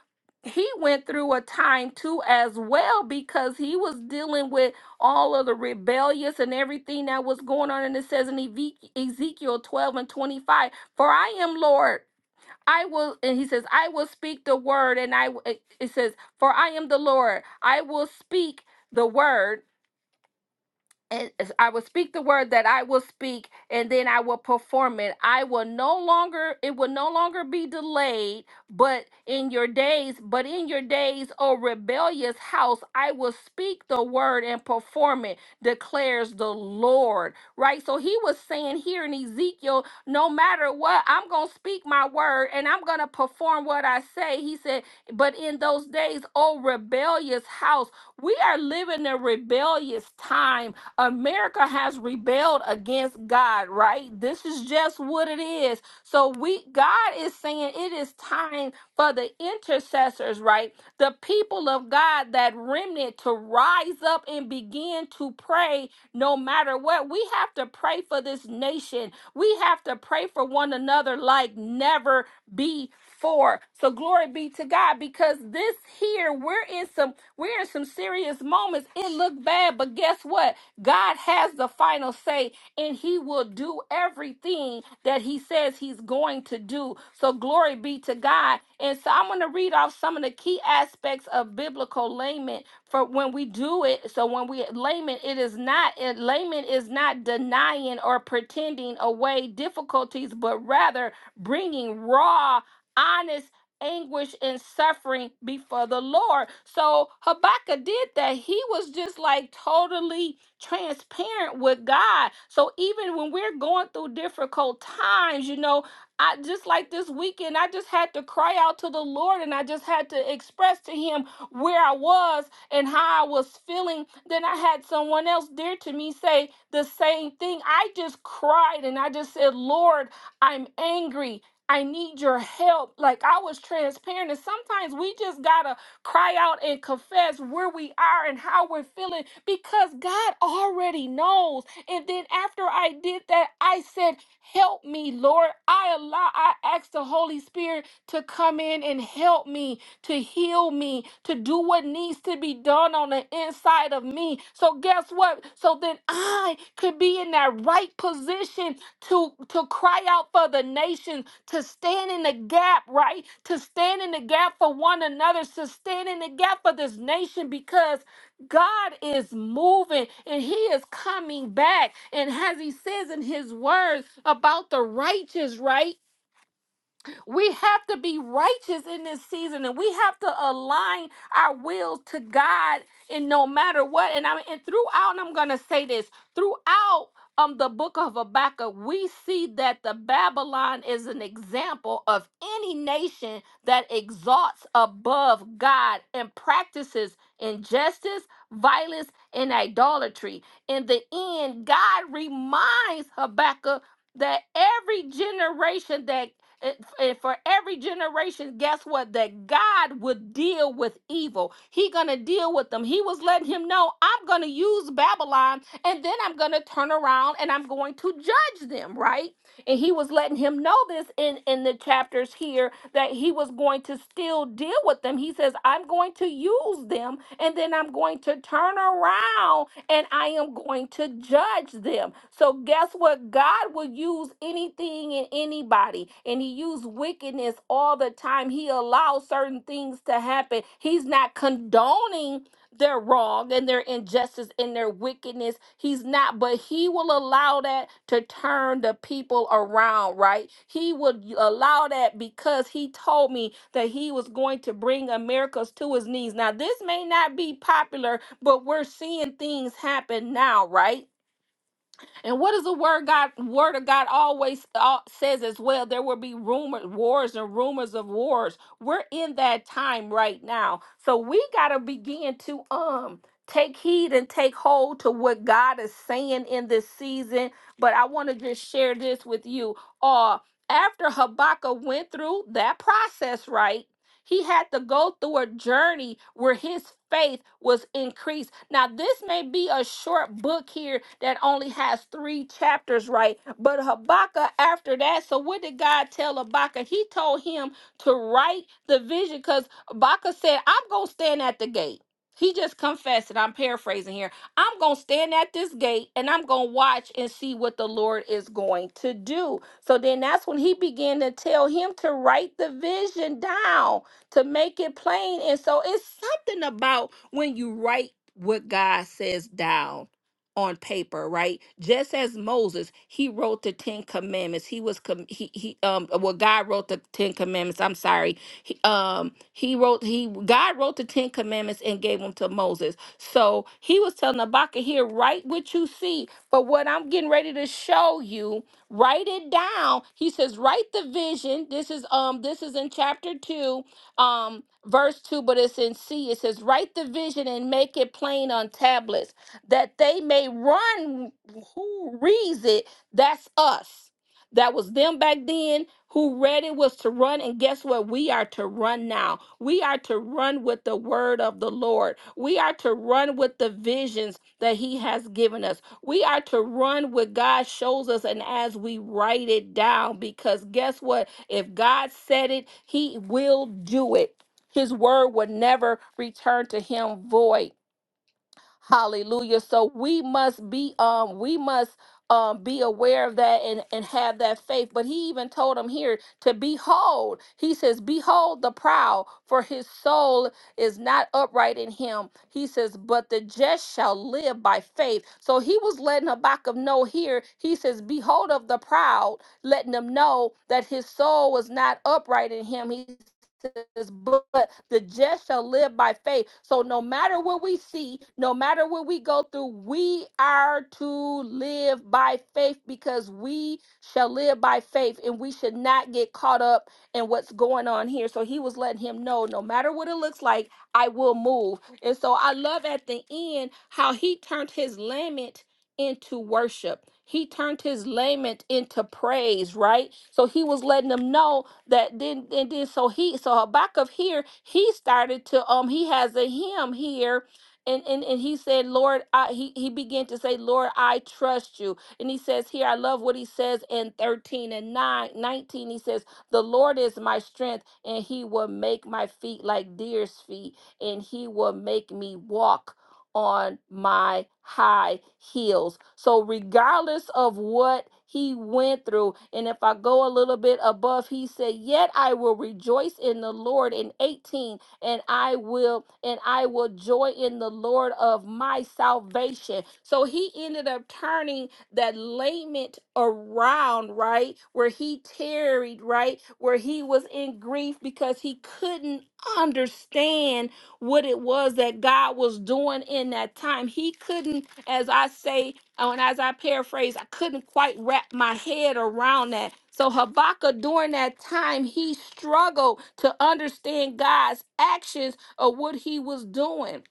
Speaker 4: he went through a time too as well because he was dealing with all of the rebellious and everything that was going on. And it says in Eve- Ezekiel 12 and 25, For I am Lord. I will, and he says, I will speak the word. And I, it it says, For I am the Lord. I will speak the word and as I will speak the word that I will speak, and then I will perform it. I will no longer, it will no longer be delayed, but in your days, but in your days, O rebellious house, I will speak the word and perform it, declares the Lord. Right? So he was saying here in Ezekiel, no matter what, I'm going to speak my word and I'm going to perform what I say. He said, but in those days, O rebellious house, we are living in rebellious times America has rebelled against God, right? This is just what it is. So we God is saying it is time for the intercessors, right? The people of God, that remnant to rise up and begin to pray no matter what. We have to pray for this nation. We have to pray for one another like never before. So glory be to God because this here we're in some we're in some serious moments. It looked bad, but guess what? God has the final say and he will do everything that he says he's going to do. So glory be to God. And so I'm going to read off some of the key aspects of biblical layman for when we do it. So when we layman, it is not it, layman is not denying or pretending away difficulties, but rather bringing raw honest anguish and suffering before the Lord. So Habakkuk did that. He was just like totally transparent with God. So even when we're going through difficult times, you know, I just like this weekend, I just had to cry out to the Lord and I just had to express to him where I was and how I was feeling. Then I had someone else dear to me say the same thing. I just cried and I just said, Lord, I'm angry. I need your help. Like I was transparent. And sometimes we just gotta cry out and confess where we are and how we're feeling because God already knows. And then after I did that, I said, Help me, Lord. I allow, I asked the Holy Spirit to come in and help me, to heal me, to do what needs to be done on the inside of me. So guess what? So then I could be in that right position to to cry out for the nation to stand in the gap, right? To stand in the gap for one another, to stand in the gap for this nation because God is moving and he is coming back. And as he says in his words about the righteous, right? We have to be righteous in this season and we have to align our will to God in no matter what. And I mean, and throughout, and I'm gonna say this, throughout um the book of Habakkuk, we see that the Babylon is an example of any nation that exalts above God and practices injustice, violence, and idolatry. In the end, God reminds Habakkuk that every generation that it- and for every generation guess what that god would deal with evil he gonna deal with them he was letting him know i'm gonna use babylon and then i'm gonna turn around and i'm going to judge them right and he was letting him know this in, in the chapters here that he was going to still deal with them. He says, I'm going to use them and then I'm going to turn around and I am going to judge them. So, guess what? God will use anything and anybody, and He used wickedness all the time. He allows certain things to happen. He's not condoning their wrong and their injustice and their wickedness. He's not, but he will allow that to turn the people around, right? He would allow that because he told me that he was going to bring Americas to his knees. Now, this may not be popular, but we're seeing things happen now, right? And what does the word God word of God always uh, says as well? There will be rumors, wars and rumors of wars. We're in that time right now. So we got to begin to um take heed and take hold to what God is saying in this season. But I want to just share this with you. Uh after Habakkuk went through that process, right? He had to go through a journey where his faith was increased. Now, this may be a short book here that only has three chapters, right? But Habakkuk, after that, so what did God tell Habakkuk? He told him to write the vision because Habakkuk said, I'm going to stand at the gate. He just confessed it. I'm paraphrasing here. I'm going to stand at this gate and I'm going to watch and see what the Lord is going to do. So then that's when he began to tell him to write the vision down to make it plain. And so it's something about when you write what God says down on paper, right? Just as Moses, he wrote the 10 commandments. He was com- he he um well God wrote the 10 commandments. I'm sorry. He, um he wrote he God wrote the 10 commandments and gave them to Moses. So, he was telling Habakkuk here write what you see, but what I'm getting ready to show you, write it down. He says write the vision. This is um this is in chapter 2 um verse 2 but it's in c it says write the vision and make it plain on tablets that they may run who reads it that's us that was them back then who read it was to run and guess what we are to run now we are to run with the word of the lord we are to run with the visions that he has given us we are to run what god shows us and as we write it down because guess what if God said it, he will do it. His word would never return to him void. Hallelujah. So we must be um we must um be aware of that and and have that faith. But he even told him here to behold. He says, "Behold the proud, for his soul is not upright in him." He says, "But the just shall live by faith." So he was letting Habakkuk know here. He says, "Behold of the proud," letting him know that his soul was not upright in him. He but the just shall live by faith. So no matter what we see, no matter what we go through, we are to live by faith because we shall live by faith and we should not get caught up in what's going on here. So he was letting him know no matter what it looks like, I will move. And so I love at the end how he turned his lament into worship. He turned his lament into praise, right? So he was letting them know that then and then so he so Habakkuk here he started to um he has a hymn here and and, and he said Lord I he, he began to say Lord I trust you and he says here I love what he says in 13 and 9 19 he says the Lord is my strength and he will make my feet like deer's feet and he will make me walk on my high heels. So, regardless of what he went through, and if I go a little bit above, he said, Yet I will rejoice in the Lord in 18, and I will, and I will joy in the Lord of my salvation. So he ended up turning that lament around, right? Where he tarried, right? Where he was in grief because he couldn't understand what it was that God was doing in that time. He couldn't, as I say, oh, and as I paraphrase, I couldn't quite wrap my head around that. So Habakkuk, during that time, he struggled to understand God's actions or what he was doing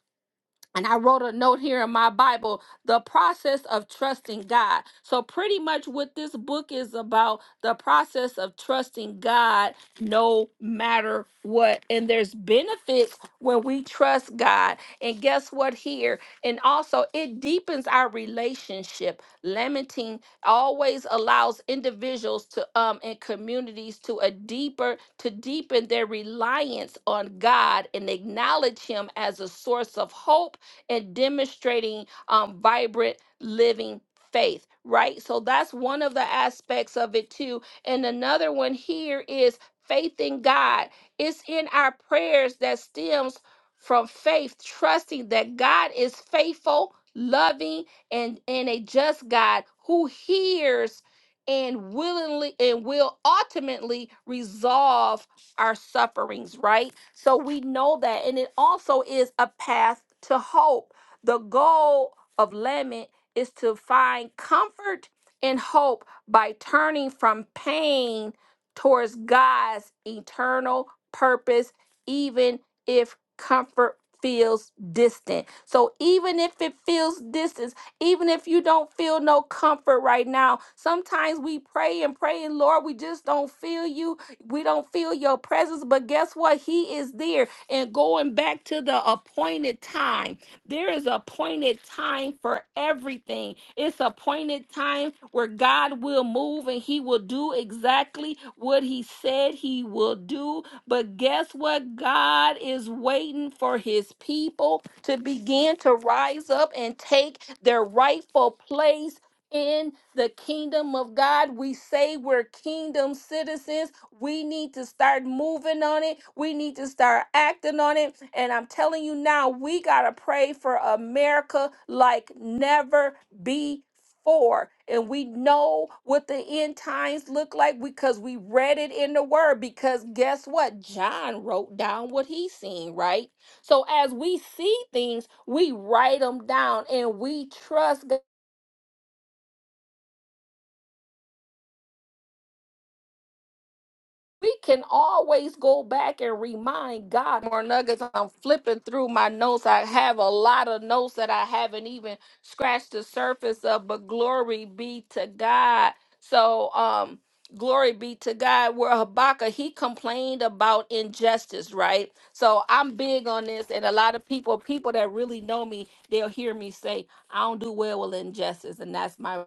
Speaker 4: and I wrote a note here in my Bible, the process of trusting God. So, pretty much what this book is about, the process of trusting God no matter what. And there's benefits when we trust God. And guess what? Here, and also it deepens our relationship. Lamenting always allows individuals to um and communities to a deeper to deepen their reliance on God and acknowledge Him as a source of hope and demonstrating um, vibrant living faith, right? So that's one of the aspects of it too. And another one here is faith in God. It's in our prayers that stems from faith, trusting that God is faithful, loving, and, and a just God who hears and willingly and will ultimately resolve our sufferings, right? So we know that. And it also is a path to hope. The goal of Lament is to find comfort and hope by turning from pain towards God's eternal purpose, even if comfort feels distant. So even if it feels distant, even if you don't feel no comfort right now, sometimes we pray and pray and Lord, we just don't feel you we don't feel your presence, but guess what? He is there. And going back to the appointed time, there is appointed time for everything. It's appointed time where God will move and he will do exactly what he said he will do. But guess what? God is waiting for his people to begin to rise up and take their rightful place in the kingdom of God. We say we're kingdom citizens. We need to start moving on it. We need to start acting on it. And I'm telling you now, we got to pray for America like never before. and we know what the end times look like because we read it in the word. Because guess what? John wrote down what he seen, right? So as we see things, we write them down and we trust God we can always go back and remind God more nuggets. I'm flipping through my notes. I have a lot of notes that I haven't even scratched the surface of, but glory be to God. So, um, glory be to God. Where Habakkuk, he complained about injustice, right? So I'm big on this, and a lot of people, people that really know me, they'll hear me say, I don't do well with injustice, and that's my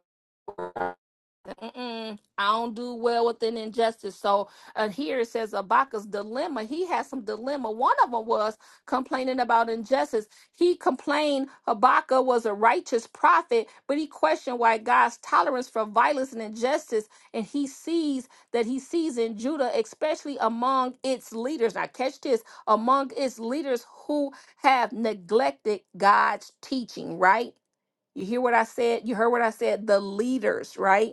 Speaker 4: Mm-mm, I don't do well with an injustice. So uh, here it says Abaka's dilemma. He had some dilemma. One of them was complaining about injustice. He complained Habakkuk was a righteous prophet, but he questioned why God's tolerance for violence and injustice. And he sees that he sees in Judah, especially among its leaders. Now catch this: among its leaders who have neglected God's teaching. Right? You hear what I said? You heard what I said? The leaders, right?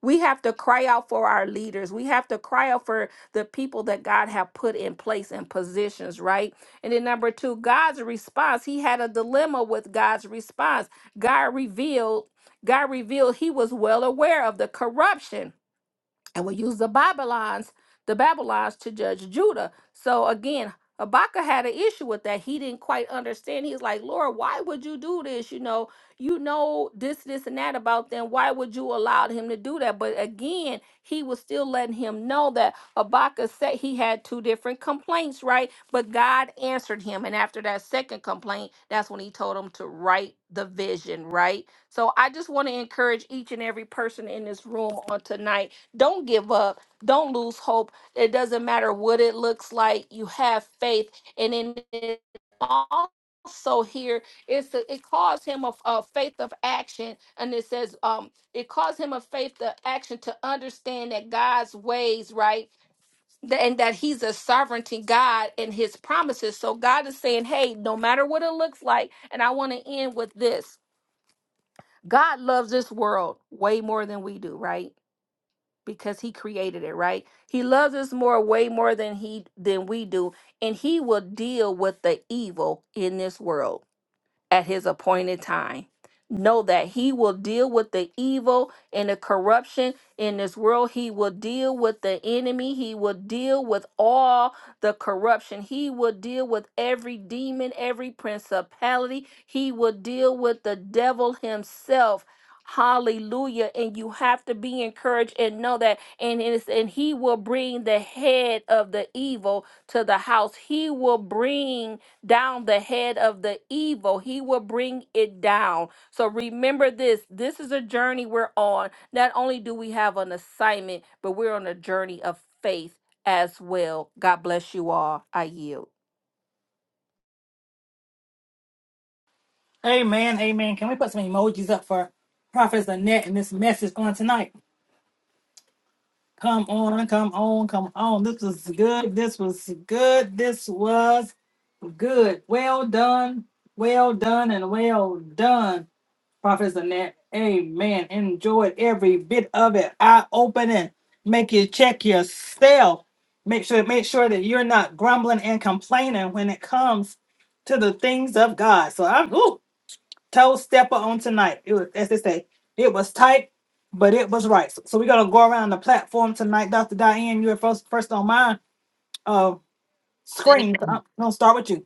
Speaker 4: We have to cry out for our leaders. We have to cry out for the people that God have put in place and positions, right? And then number two, God's response. He had a dilemma with God's response. God revealed, God revealed he was well aware of the corruption and will use the Babylons, the Babylons to judge Judah. So again, Habakkuk had an issue with that. He didn't quite understand. He's like, Lord, why would you do this? You know, you know this, this, and that about them. Why would you allow him to do that? But again, he was still letting him know that Habakkuk said he had two different complaints, right? But God answered him. And after that second complaint, that's when he told him to write the vision, right? So I just want to encourage each and every person in this room on tonight don't give up. Don't lose hope. It doesn't matter what it looks like. You have faith. And in it also here it's a, it calls him a, a faith of action and it says um it calls him a faith of action to understand that God's ways right Th- and that he's a sovereignty God and his promises so God is saying hey no matter what it looks like and I want to end with this God loves this world way more than we do right because he created it right he loves us more way more than he than we do and he will deal with the evil in this world at his appointed time. Know that he will deal with the evil and the corruption in this world. He will deal with the enemy. He will deal with all the corruption. He will deal with every demon, every principality. He will deal with the devil himself. Hallelujah. And you have to be encouraged and know that. And, it is, and he will bring the head of the evil to the house. He will bring down the head of the evil. He will bring it down. So remember this this is a journey we're on. Not only do we have an assignment, but we're on a journey of faith as well. God bless you all. I yield.
Speaker 1: Amen. Amen. Can we put some emojis up for Prophetess Annette and this message on tonight? Come on, come on, come on. This was good. This was good. This was good. Well done. Well done and well done, Prophet Annette. Amen. Enjoyed every bit of it. Eye opening. Make you check yourself. Make sure, make sure that you're not grumbling and complaining when it comes to the things of God. So I'm ooh, toe stepper on tonight. It was, as they say, it was tight, but it was right. So, so we're gonna go around the platform tonight, Dr. Diane. You're first, first on my uh
Speaker 5: Thank
Speaker 1: screen. So I'm
Speaker 5: you.
Speaker 1: gonna start with you.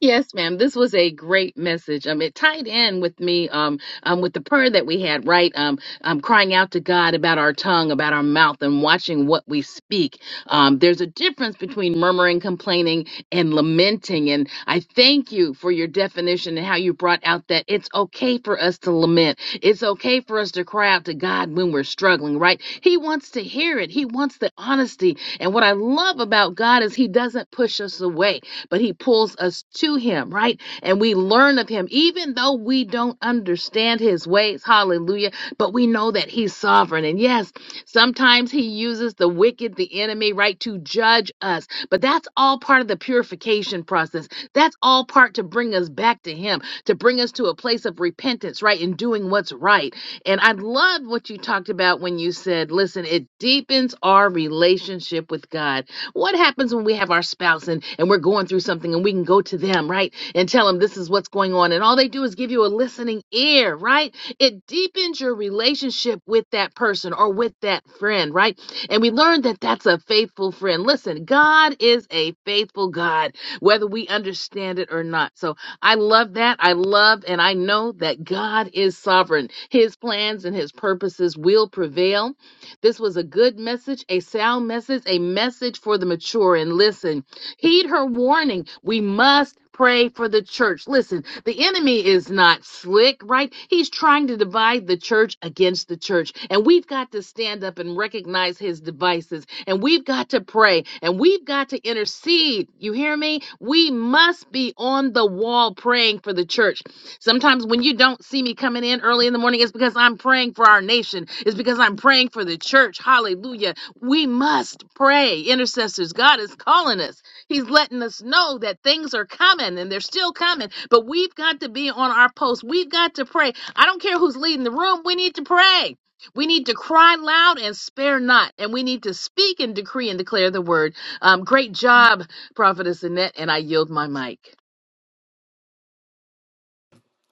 Speaker 5: Yes, ma'am. This was a great message. Um, it tied in with me um, um with the prayer that we had, right? Um, um crying out to God about our tongue, about our mouth, and watching what we speak. Um, there's a difference between murmuring, complaining, and lamenting. And I thank you for your definition and how you brought out that it's okay for us to lament. It's okay for us to cry out to God when we're struggling, right? He wants to hear it. He wants the honesty. And what I love about God is He doesn't push us away but he pulls us to him, right? And we learn of him, even though we don't understand his ways. Hallelujah. But we know that he's sovereign. And yes, sometimes he uses the wicked, the enemy, right, to judge us. But that's all part of the purification process. That's all part to bring us back to him, to bring us to a place of repentance, right, and doing what's right. And I love what you talked about when you said, listen, it deepens our relationship with God. What happens when we have our spouse and, and we're going through something and we can go to them, right? And tell them this is what's going on. And all they do is give you a listening ear, right? It deepens your relationship with that person or with that friend, right? And we learned that that's a faithful friend. Listen, God is a faithful God, whether we understand it or not. So I love that. I love and I know that God is sovereign. His plans and his purposes will prevail this was a good message, a sound message, a message for the mature. And listen, Heed her warning. We must pray for the church. Listen, the enemy is not slick, right? He's trying to divide the church against the church. And we've got to stand up and recognize his devices. And we've got to pray. And we've got to intercede. You hear me? We must be on the wall praying for the church. Sometimes when you don't see me coming in early in the morning, it's because I'm praying for our nation. It's because I'm praying for the church. Hallelujah. We must pray. Intercessors, God is calling us. He's letting us know that things are coming and they're still coming, but we've got to be on our post. We've got to pray. I don't care who's leading the room, we need to pray. We need to cry loud and spare not, and we need to speak and decree and declare the word. Um, great job, Prophetess Annette, and I yield my mic.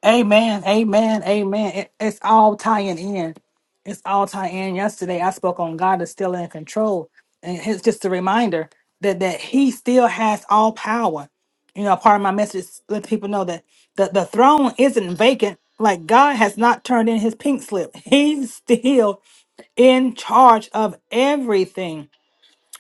Speaker 1: Amen. Amen. Amen. It, it's all tying in. It's all tying in. Yesterday, I spoke on God is still in control, and it's just a reminder that that He still has all power. You know, part of my message is let people know that the, the throne isn't vacant. Like God has not turned in His pink slip. He's still in charge of everything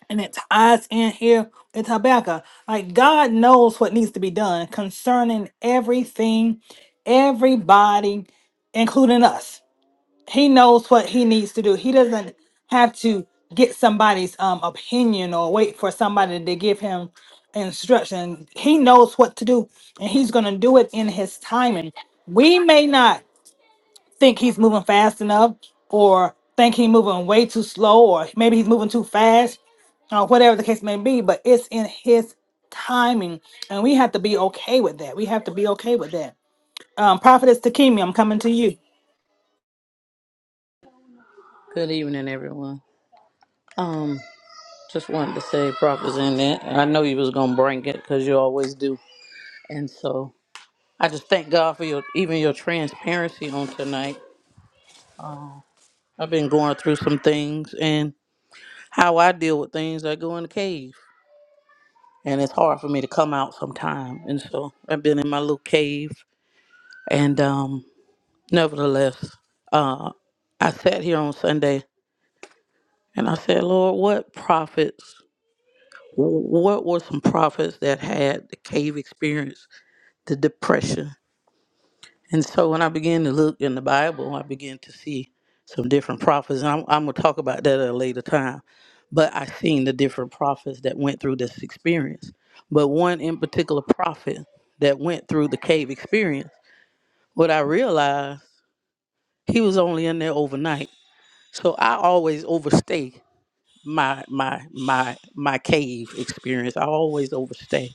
Speaker 1: and it ties in here with Habakkuk. Like God knows what needs to be done concerning everything, everybody, including us. He knows what he needs to do. He doesn't have to get somebody's um opinion or wait for somebody to give him instruction. He knows what to do, and he's gonna do it in his timing. We may not think he's moving fast enough or think he's moving way too slow or maybe he's moving too fast or whatever the case may be but it's in his timing and we have to be okay with that we have to be okay with that um prophetess Takemi, i'm coming to you
Speaker 6: Good evening, everyone. Um, just wanted to say prophets in that. I know you was gonna bring it because you always do, and so I just thank God for your even your transparency on tonight. I've been going through some things and how I deal with things. I go in the cave, and it's hard for me to come out sometime. And so I've been in my little cave, and um, nevertheless, uh, I sat here on Sunday and I said, Lord, what profits? what were some prophets that had the cave experience, the depression? And so when I began to look in the Bible, I began to see some different prophets, and I'm, I'm gonna talk about that at a later time. But I seen the different prophets that went through this experience. But one in particular prophet that went through the cave experience, what I realized he was only in there overnight. So I always overstay my my my my cave experience. I always overstay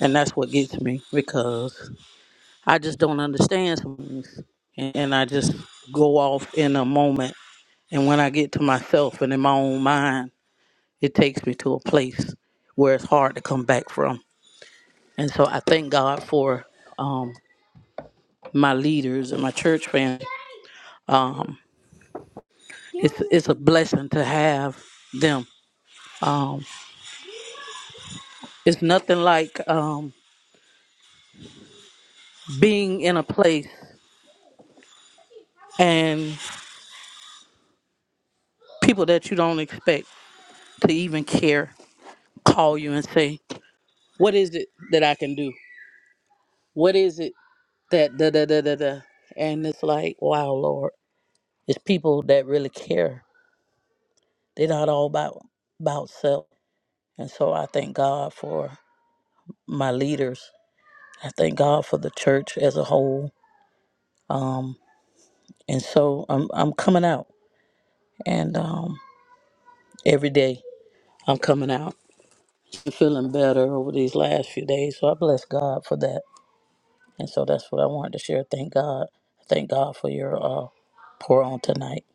Speaker 6: And that's what gets me because I just don't understand some things. And, and I just go off in a moment. And when I get to myself and in my own mind, it takes me to a place where it's hard to come back from. And so I thank God for um, my leaders and my church family. Um, it's, it's a blessing to have them. It's nothing like um, being in a place and people that you don't expect to even care call you and say, What is it that I can do? What is it that da da da da da? And it's like, wow, Lord, it's people that really care. They're not all about about self. And so I thank God for my leaders. I thank God for the church as a whole. Um, and so I'm I'm coming out, and um, every day I'm coming out, feeling better over these last few days. So I bless God for that. And so that's what I wanted to share. Thank God. Thank God for your uh, pour on tonight.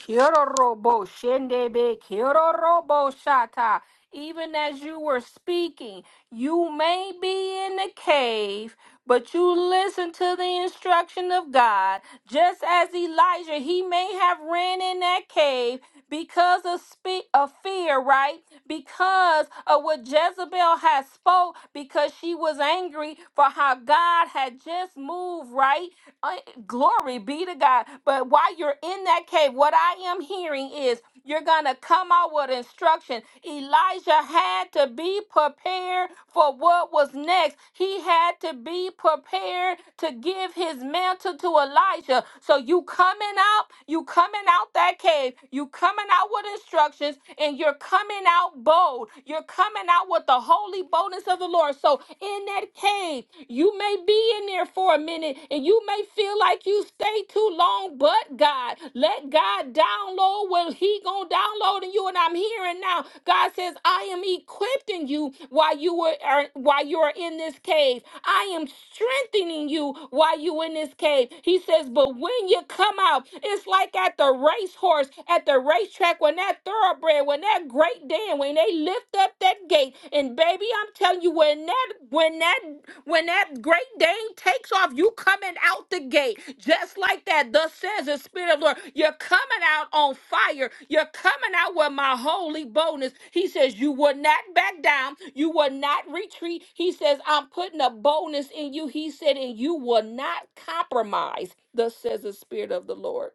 Speaker 4: Shirorobo shendebe kirorobo shata. Even as you were speaking, you may be in the cave, But you listen to the instruction of God. Just as Elijah, he may have ran in that cave because of spe- of fear, right? Because of what Jezebel had spoke, because she was angry for how God had just moved, right? Uh, glory be to God. But while you're in that cave, what I am hearing is you're gonna come out with instructions instruction. Elijah had to be prepared for what was next. He had to be prepared to give his mantle to Elijah. So you coming out, you coming out that cave, you coming out with instructions, and you're coming out bold. You're coming out with the holy boldness of the Lord. So in that cave, you may be in there for a minute and you may feel feel like you stay too long, but God, let God download what He gonna download in you. And I'm hearing now. God says, I am equipping you while you were are, while you are in this cave. I am strengthening you while you in this cave. He says, but when you come out, it's like at the racehorse, at the racetrack, when that thoroughbred, when that great day, when they lift up that gate gate. And baby, I'm telling you, when that when that when that great Dane takes off, you coming out the gate just like that. Thus says the Spirit of the Lord, you're coming out on fire. You're coming out with my holy boldness. He says, you will not back down. You will not retreat. He says, I'm putting a boldness in you. He said, and you will not compromise. Thus says the Spirit of the Lord.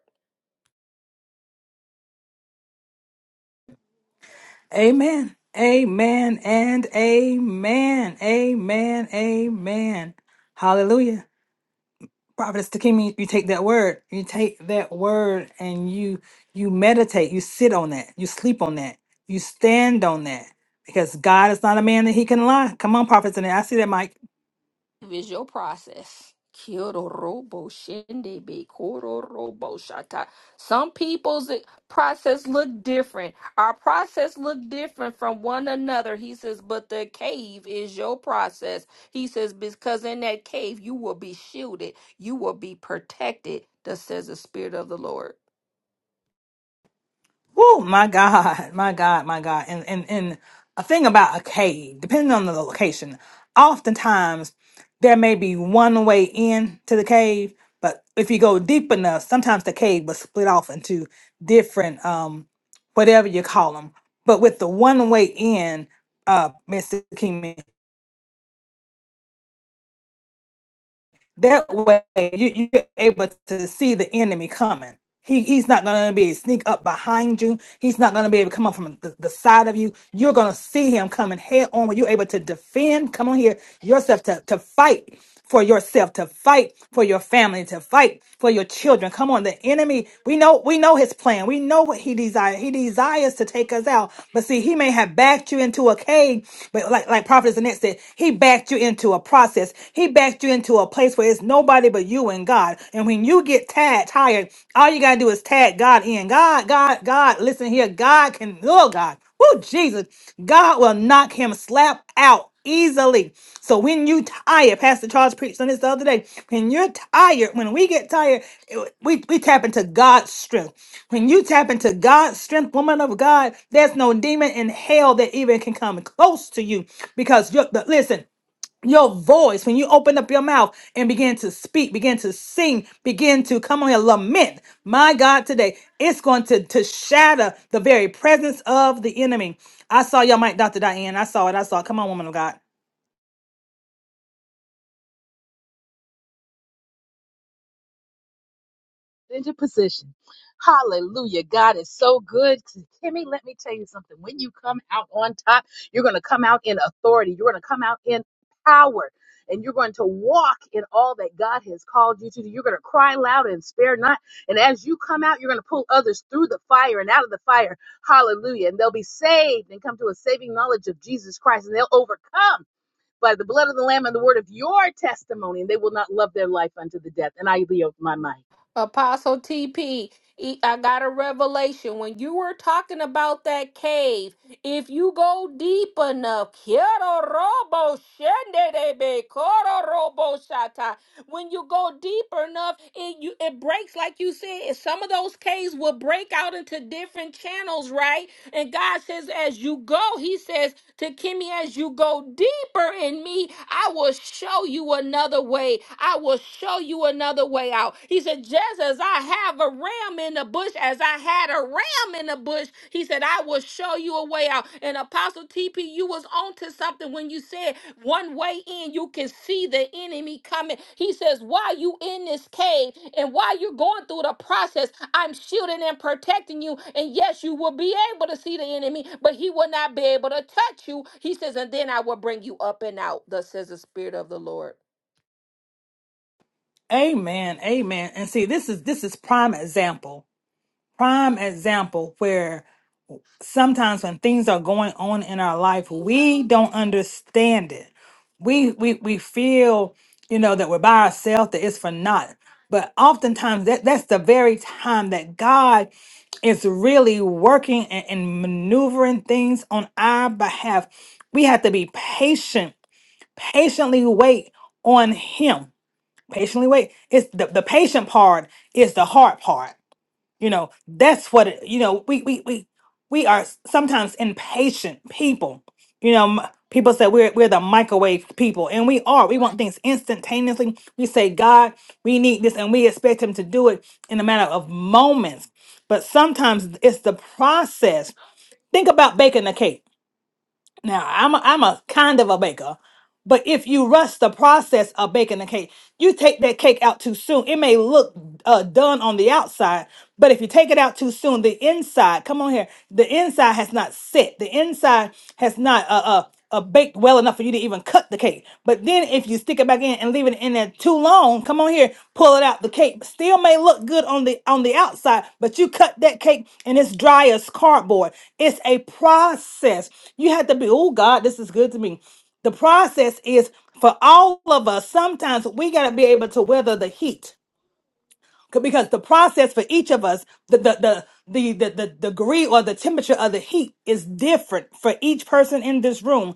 Speaker 1: amen amen and amen amen amen hallelujah Prophetess Takimi, you take that word, you take that word and you you meditate, you sit on that, you sleep on that, you stand on that. Because God is not a man that he can lie. Come on, prophets, and I see that, Mike.
Speaker 4: is your process. Kyororobo shende be kororobo shata. Some people's process look different. Our process look different from one another. He says, but the cave is your process. He says, because in that cave you will be shielded, you will be protected. Thus says the Spirit of the Lord.
Speaker 1: Oh my God, my God, my God. And and and a thing about a cave, depending on the location, oftentimes there may be one way in to the cave, but if you go deep enough, sometimes the cave was split off into different um whatever you call them. But with the one way in, uh Mr. King That way, you, you're able to see the enemy coming. He, he's not going to be able to sneak up behind you. He's not going to be able to come up from the, the side of you. You're going to see him coming head on when you're able to defend, come on here, yourself to, to fight for yourself, to fight for your family, to fight for your children. Come on, the enemy, we know, we know his plan. We know what he desires. He desires to take us out. But see, he may have backed you into a cave, but like, like Prophet Annette said, he backed you into a process. He backed you into a place where it's nobody but you and God. And when you get tagged, tired, all you gotta do is tag God in. God, God, God, listen here. God can, oh God, oh Jesus, God will knock him slap out easily. So when you tired, Pastor Charles preached on this the other day. When you're tired, when we get tired, it- we, we tap into God's strength. When you tap into God's strength, woman of God, there's no demon in hell that even can come close to you because you're the, listen your voice, when you open up your mouth and begin to speak, begin to sing, begin to come on here, lament, my God, today, it's going to, to shatter the very presence of the enemy. I saw your mic, Dr. Diane. I saw it. I saw it. Come on, woman of God.
Speaker 5: into position. Hallelujah. God is so good. Kimmy, let me tell you something. When you come out on top, you're going to come out in authority, you're going to come out in power. And you're going to walk in all that God has called you to do. You're going to cry loud and spare not. And as you come out, you're going to pull others through the fire and out of the fire. Hallelujah. And they'll be saved and come to a saving knowledge of Jesus Christ. And they'll overcome by the blood of the Lamb and the word of your testimony. And they will not love their life unto the death. And I yield my mind.
Speaker 4: Apostle TP, e- I got a revelation. When you were talking about that cave, if you go deep enough, Quiero robo shende de be, coro robo shata. when you go deep enough, it you it breaks like you said. and Some of those caves will break out into different channels, right? And God says, as you go, He says to Kimmy, as you go deeper in me, I will show you another way. I will show you another way out. He said, just as I have a ram in the bush, as I had a ram him in the bush. He said, I will show you a way out. And Apostle TP, you was on to something when you said one way in, you can see the enemy coming. He says, While you in this cave and while you're going through the process, I'm shielding and protecting you. And yes, you will be able to see the enemy, but he will not be able to touch you. He says, And then I will bring you up and out, thus says the Spirit of the Lord.
Speaker 1: Amen. Amen. And see, this is this is prime example. Prime example where sometimes when things are going on in our life, we don't understand it. We we we feel, you know, that we're by ourselves, that it's for naught. But oftentimes that, that's the very time that God is really working and, and maneuvering things on our behalf. We have to be patient, patiently wait on him. Patiently wait. It's the, the patient part is the hard part you know, that's what it, you know, we we we we are s- sometimes impatient people. You know, m- people say we're we're the microwave people, and we are. We want things instantaneously. We say, God, we need this, and we expect him to do it in a matter of moments. But sometimes it's the process. Think about baking a cake. Now, I'm a, I'm a kind of a baker, but if you rush the process of baking the cake, you take that cake out too soon. It may look uh, done on the outside, but if you take it out too soon, the inside, come on here, the inside has not set. The inside has not. uh. uh uh, baked well enough for you to even cut the cake. But then if you stick it back in and leave it in there too long, come on here, pull it out. The cake still may look good on the on the outside, but you cut that cake and it's dry as cardboard. It's a process. You have to be, oh God, this is good to me. The process is for all of us, sometimes we gotta be able to weather the heat C- because the process for each of us the the the the, the, the degree or the temperature of the heat is different for each person in this room.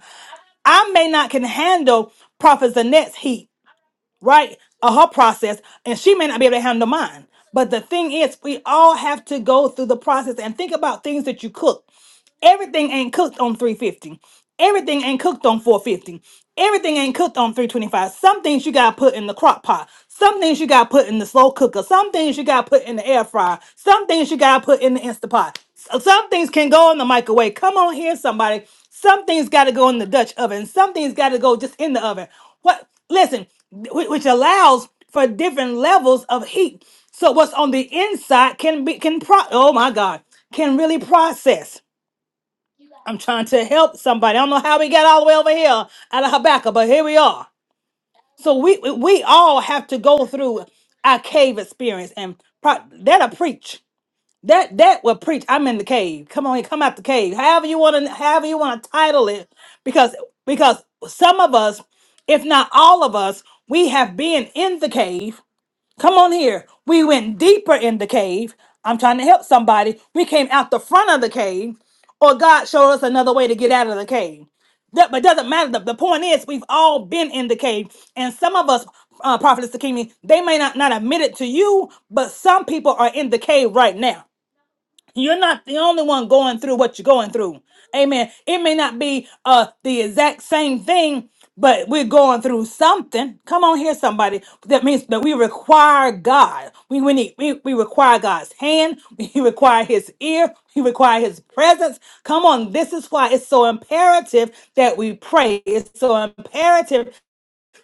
Speaker 1: I may not can handle Prophet Zanette's heat, right? Or her process, and she may not be able to handle mine. But the thing is, we all have to go through the process and think about things that you cook. Everything ain't cooked on 350. Everything ain't cooked on 450. Everything ain't cooked on 325. Some things you gotta put in the crock pot. Some things you gotta put in the slow cooker. Some things you gotta put in the air fryer. Some things you gotta put in the Instapot. S- Some things can go in the microwave. Come on here, somebody. Some things gotta go in the Dutch oven. Some things gotta go just in the oven. What? Listen, wh- which allows for different levels of heat. So what's on the inside can be can pro. Oh my God, can really process. I'm trying to help somebody. I don't know how we got all the way over here out of Habakkuk, but here we are. So we we all have to go through our cave experience and pro- that'll preach. That that will preach. I'm in the cave. Come on, come out the cave. However you want to, however you want to title it, because because some of us, if not all of us, we have been in the cave Come on here. We went deeper in the cave. I'm trying to help somebody. We came out the front of the cave, or God showed us another way to get out of the cave. That, but doesn't matter. The, the point is, we've all been in the cave, and some of us, uh, Prophet Sakimi, they may not not admit it to you, but some people are in the cave right now. You're not the only one going through what you're going through. Amen. It may not be uh the exact same thing, but we're going through something. Come on here, somebody. That means that we require God. We we need we, we require God's hand, we require his ear, we require his presence. Come on, this is why it's so imperative that we pray. It's so imperative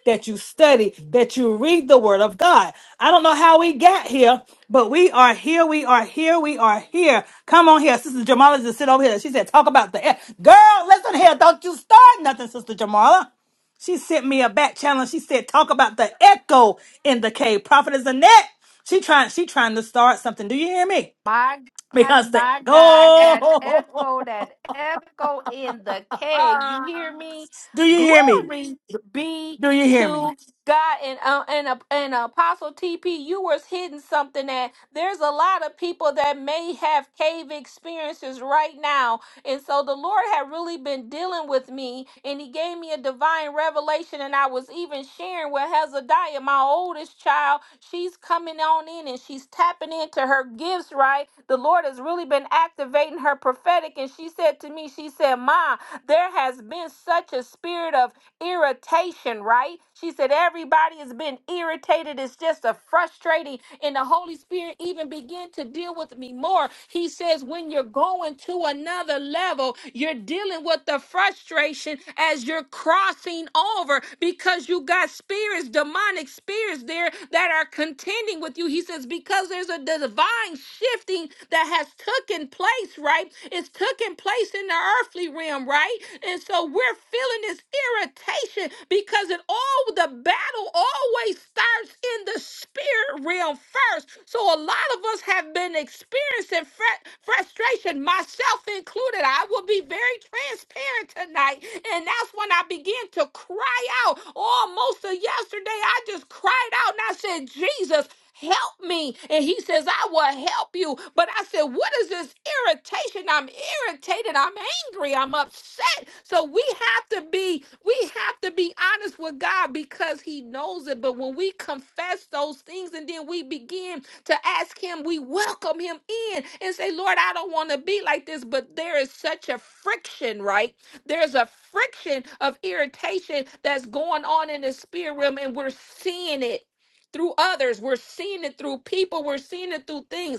Speaker 1: that you study, that you read the word of God. I don't know how we got here, but we are here. We are here. We are here. Come on here. Sister Jamala just sit over here. She said, talk about the air. Girl, listen here. Don't you start nothing, Sister Jamala. She sent me a back challenge. She said, talk about the echo in the cave. Prophet is a net. She trying, she trying to start something. Do you hear me?
Speaker 4: My God,
Speaker 1: Because the
Speaker 4: my God, that
Speaker 1: go.
Speaker 4: echo, that echo in the cave. You hear me?
Speaker 1: Do you hear me?
Speaker 4: Glory be
Speaker 1: Do you hear me?
Speaker 4: to God. And uh, and, uh, and Apostle TP, you was hitting something that there's a lot of people that may have cave experiences right now and so the Lord had really been dealing with me, and He gave me a divine revelation. And I was even sharing with Hezekiah, my oldest child. She's coming on in and she's tapping into her gifts, right? The Lord has really been activating her prophetic. And she said to me, She said, Ma, there has been such a spirit of irritation, right? She said, Everybody has been irritated. It's just a frustrating. And the Holy Spirit even began to deal with me more. He says, When you're going to another level, you're dealing with the frustration as you're crossing over because you got spirits, demonic spirits there that are contending with you. He says, Because there's a divide divine shifting that has taken place, right? It's taken place in the earthly realm, right? And so we're feeling this irritation because it all the battle always starts in the spirit realm first. So a lot of us have been experiencing fr- frustration, myself included. I will be very transparent tonight. And that's when I began to cry out. Almost a yesterday, I just cried out and I said, Jesus help me. And he says, I will help you. But I said, what is this irritation? I'm irritated. I'm angry. I'm upset. So we have to be, we have to be honest with God because he knows it. But when we confess those things and then we begin to ask him, we welcome him in and say, Lord, I don't want to be like this. But there is such a friction, right? there's a friction of irritation that's going on in the spirit realm and we're seeing it through others. We're seeing it through people. We're seeing it through things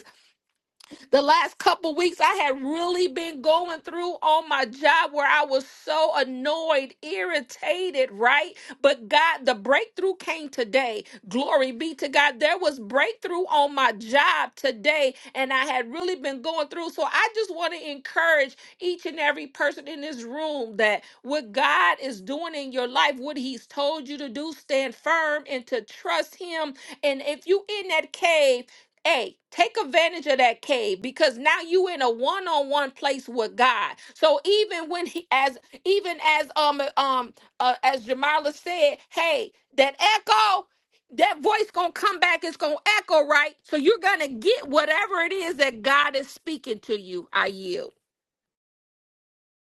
Speaker 4: the last couple weeks I had really been going through on my job where I was so annoyed, irritated, right? But God, the breakthrough came today. Glory be to God. There was breakthrough on my job today, and I had really been going through. So I just want to encourage each and every person in this room that what God is doing in your life, what He's told you to do, stand firm and to trust Him. And if you in that cave, Hey, take advantage of that cave because now you in a one-on-one place with God. So even when he as even as um uh, um uh, as Jamila said, hey, that echo, that voice gonna come back, it's gonna echo, right? So you're gonna get whatever it is that God is speaking to you. I yield.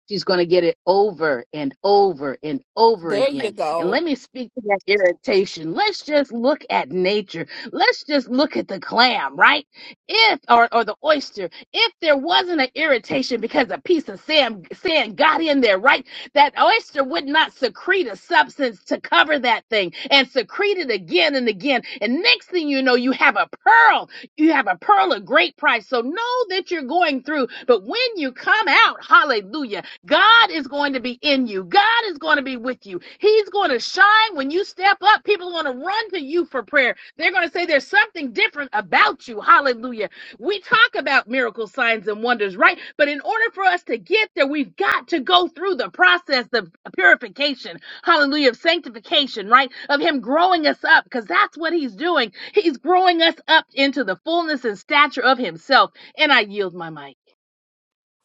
Speaker 5: She's going to get it over and over and over
Speaker 4: There you
Speaker 5: again. And
Speaker 4: go.
Speaker 5: let me speak to that irritation. Let's just look at nature. Let's just look at the clam, right? If, or, or the oyster, if there wasn't an irritation because a piece of sand, sand got in there, right? That oyster would not secrete a substance to cover that thing and secrete it again and again. And next thing you know, you have a pearl you have a pearl of great price. So know that you're going through, but when you come out, hallelujah, God is going to be in you. God is going to be with you. He's going to shine when you step up. People are going to run to you for prayer. They're going to say there's something different about you. Hallelujah. We talk about miracles, signs, and wonders, right? But in order for us to get there, we've got to go through the process of purification, hallelujah, of sanctification, right? Of Him growing us up, because that's what He's doing. He's growing us up into the fullness and stature of Himself. And I yield my mic.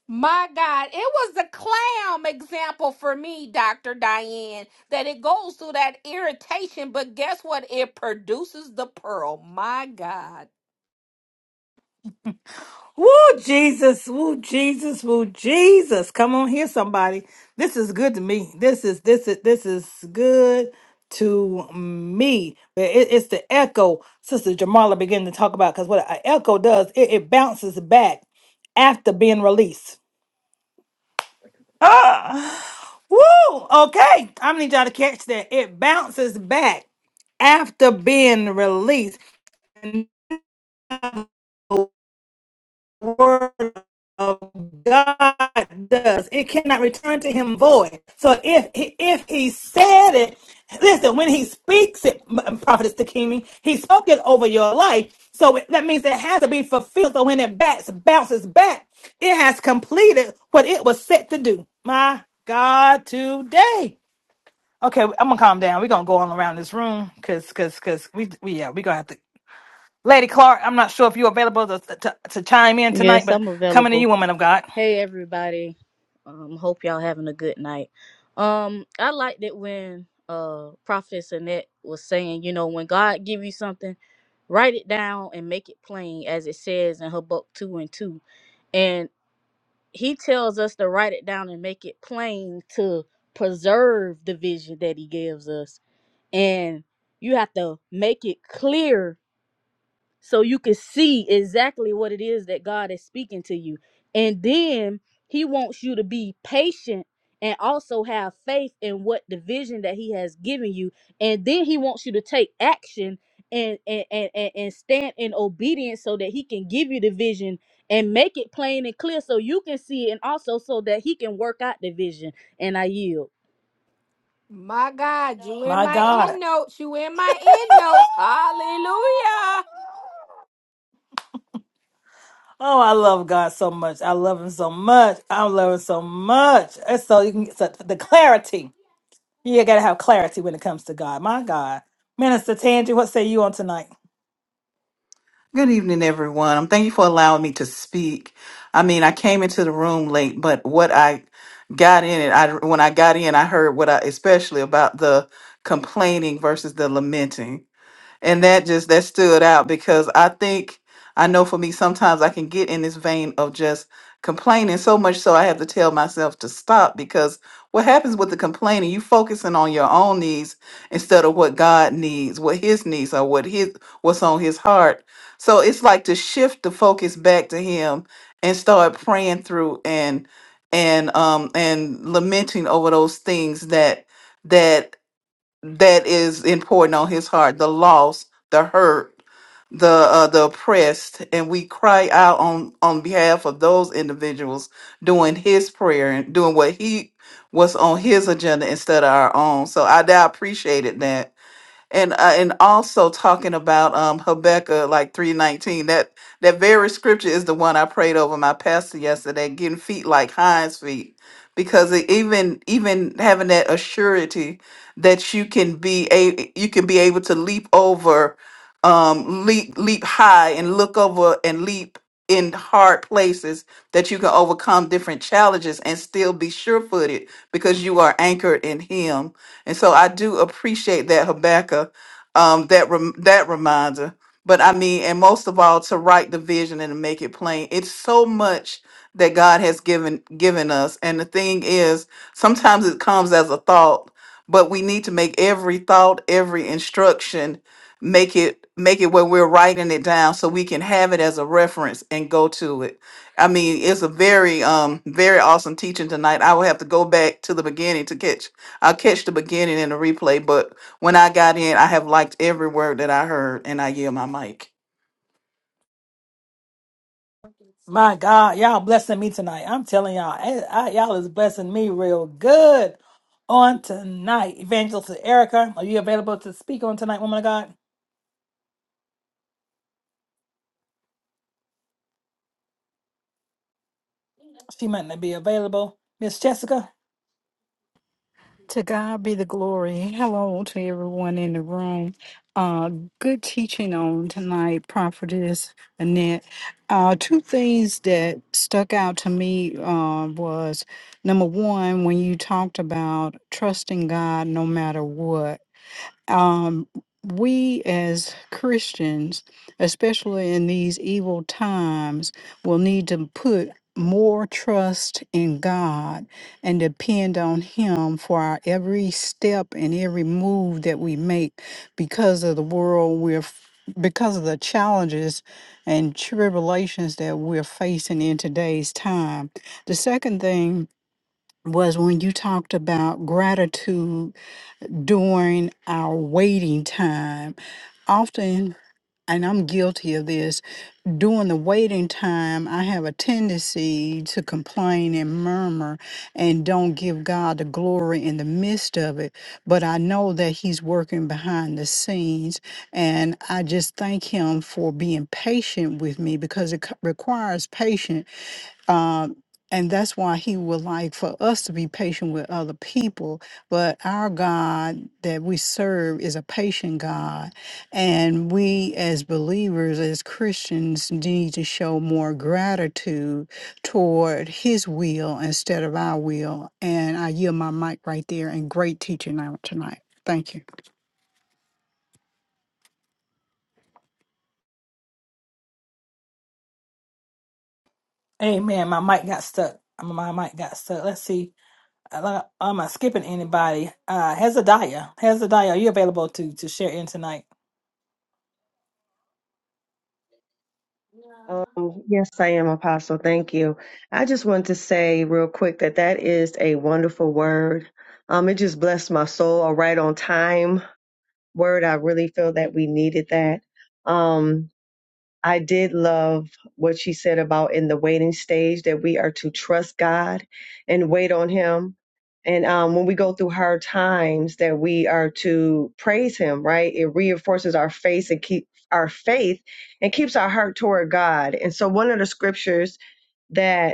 Speaker 4: My God, it was the clam example for me, Dr. Diane, that it goes through that irritation, but guess what? It produces the pearl. My God.
Speaker 1: Woo, Jesus, woo, Jesus, woo, Jesus. Come on here, somebody. This is good to me. This is this is this is good to me. But it- it's the echo Sister Jamala began to talk about because what an echo does, it, it bounces back after being released. Ah, woo, okay. I need y'all to catch that. It bounces back after being released. word of God does. It cannot return to him void. So if if he said it, listen, when he speaks it, M- Prophetess Takimi, he spoke it over your life. So it- that means it has to be fulfilled. So when it bats, bounces back, it has completed what it was set to do. My God, today. Okay, I'm gonna calm down. We're gonna go all around this room because because because we we yeah, we're gonna have to Lady Clark, I'm not sure if you're available to, to, to chime in tonight,
Speaker 7: Yes,
Speaker 1: but
Speaker 7: I'm
Speaker 1: coming to you,
Speaker 7: available.
Speaker 1: woman of God.
Speaker 7: Hey, everybody. Um, hope y'all having a good night. Um, I liked it when uh Prophetess Annette was saying, you know, when God give you something, write it down and make it plain, as it says in Habakkuk two and two. And He tells us to write it down and make it plain to preserve the vision that He gives us. And you have to make it clear so you can see exactly what it is that God is speaking to you. And then he wants you to be patient and also have faith in what the vision that he has given you. And then he wants you to take action and and and, and, and stand in obedience so that he can give you the vision and make it plain and clear so you can see it and also so that he can work out the vision. And I yield.
Speaker 4: My God, you in
Speaker 1: My
Speaker 4: my
Speaker 1: God.
Speaker 4: end notes. You in my end notes. Hallelujah.
Speaker 1: Oh, I love God so much. I love him so much. I love him so much. And so you can get so the clarity. You gotta have clarity when it comes to God. My God. Minister Tangi, what say you on tonight?
Speaker 8: Good evening, everyone. I'm thank you for allowing me to speak. I mean, I came into the room late, but what I got in it, I when I got in, I heard what I especially about the complaining versus the lamenting and that just that stood out because I think I know for me sometimes I can get in this vein of just complaining so much so I have to tell myself to stop because what happens with the complaining you focusing on your own needs instead of what God needs, what his needs are, what his what's on his heart. So it's like to shift the focus back to him and start praying through and and um and lamenting over those things that that that is important on his heart the lost the hurt the uh, the oppressed and we cry out on on behalf of those individuals doing his prayer and doing what he was on his agenda instead of our own so i, I appreciated that and uh, and also talking about um Habakkuk like 319 that that very scripture is the one I prayed over my pastor yesterday getting feet like hinds feet because it, even even having that assurity that you can be a you can be able to leap over um leap leap high and look over and leap in hard places that you can overcome different challenges and still be sure-footed because you are anchored in him and so I do appreciate that Habakkuk, um, that rem- that reminder. But I mean, and most of all, to write the vision and to make it plain. It's so much that God has given given us. And the thing is, sometimes it comes as a thought, but we need to make every thought, every instruction, make it make it when we're writing it down so we can have it as a reference and go to it. I mean, it's a very um very awesome teaching tonight. I will have to go back to the beginning to catch I'll catch the beginning in the replay, but when I got in, I have liked every word that I heard, and I yield my mic.
Speaker 1: My God, y'all blessing me tonight. I'm telling y'all, I, I- y'all is blessing me real good on tonight. Evangelist Erica, are you available to speak on tonight, woman of God? She might not be available. Miss Jessica,
Speaker 9: To God be the glory. Hello to everyone in the room. Uh, good teaching on tonight, Prophetess Annette. Uh, two things that stuck out to me uh, was number one, when you talked about trusting God no matter what um, we as Christians, especially in these evil times, will need to put more trust in God and depend on Him for our every step and every move that we make because of the world we're f- because of the challenges and tribulations that we're facing in today's time. The second thing was when you talked about gratitude during our waiting time. Often, and I'm guilty of this, during the waiting time, I have a tendency to complain and murmur and don't give God the glory in the midst of it. But I know that He's working behind the scenes, and I just thank Him for being patient with me because it c- requires patience um, and that's why he would like for us to be patient with other people. But our God that we serve is a patient God. And we, as believers, as Christians, need to show more gratitude toward his will instead of our will. And I yield my mic right there. And great teaching out tonight. Thank you.
Speaker 1: Amen. My mic got stuck. My mic got stuck. Let's see. Uh, uh, Am I skipping anybody? Uh, Hezekiah. Hezekiah, are you available to to share in tonight?
Speaker 10: Um, yes, I am, Apostle. Thank you. I just wanted to say real quick that that is a wonderful word. Um, it just blessed my soul. A right on time word. I really feel that we needed that. Um, I did love what she said about in the waiting stage that we are to trust God and wait on Him. And um, when we go through hard times, that we are to praise Him, right? It reinforces our faith and keep our faith and keeps our heart toward God. And so, one of the scriptures that.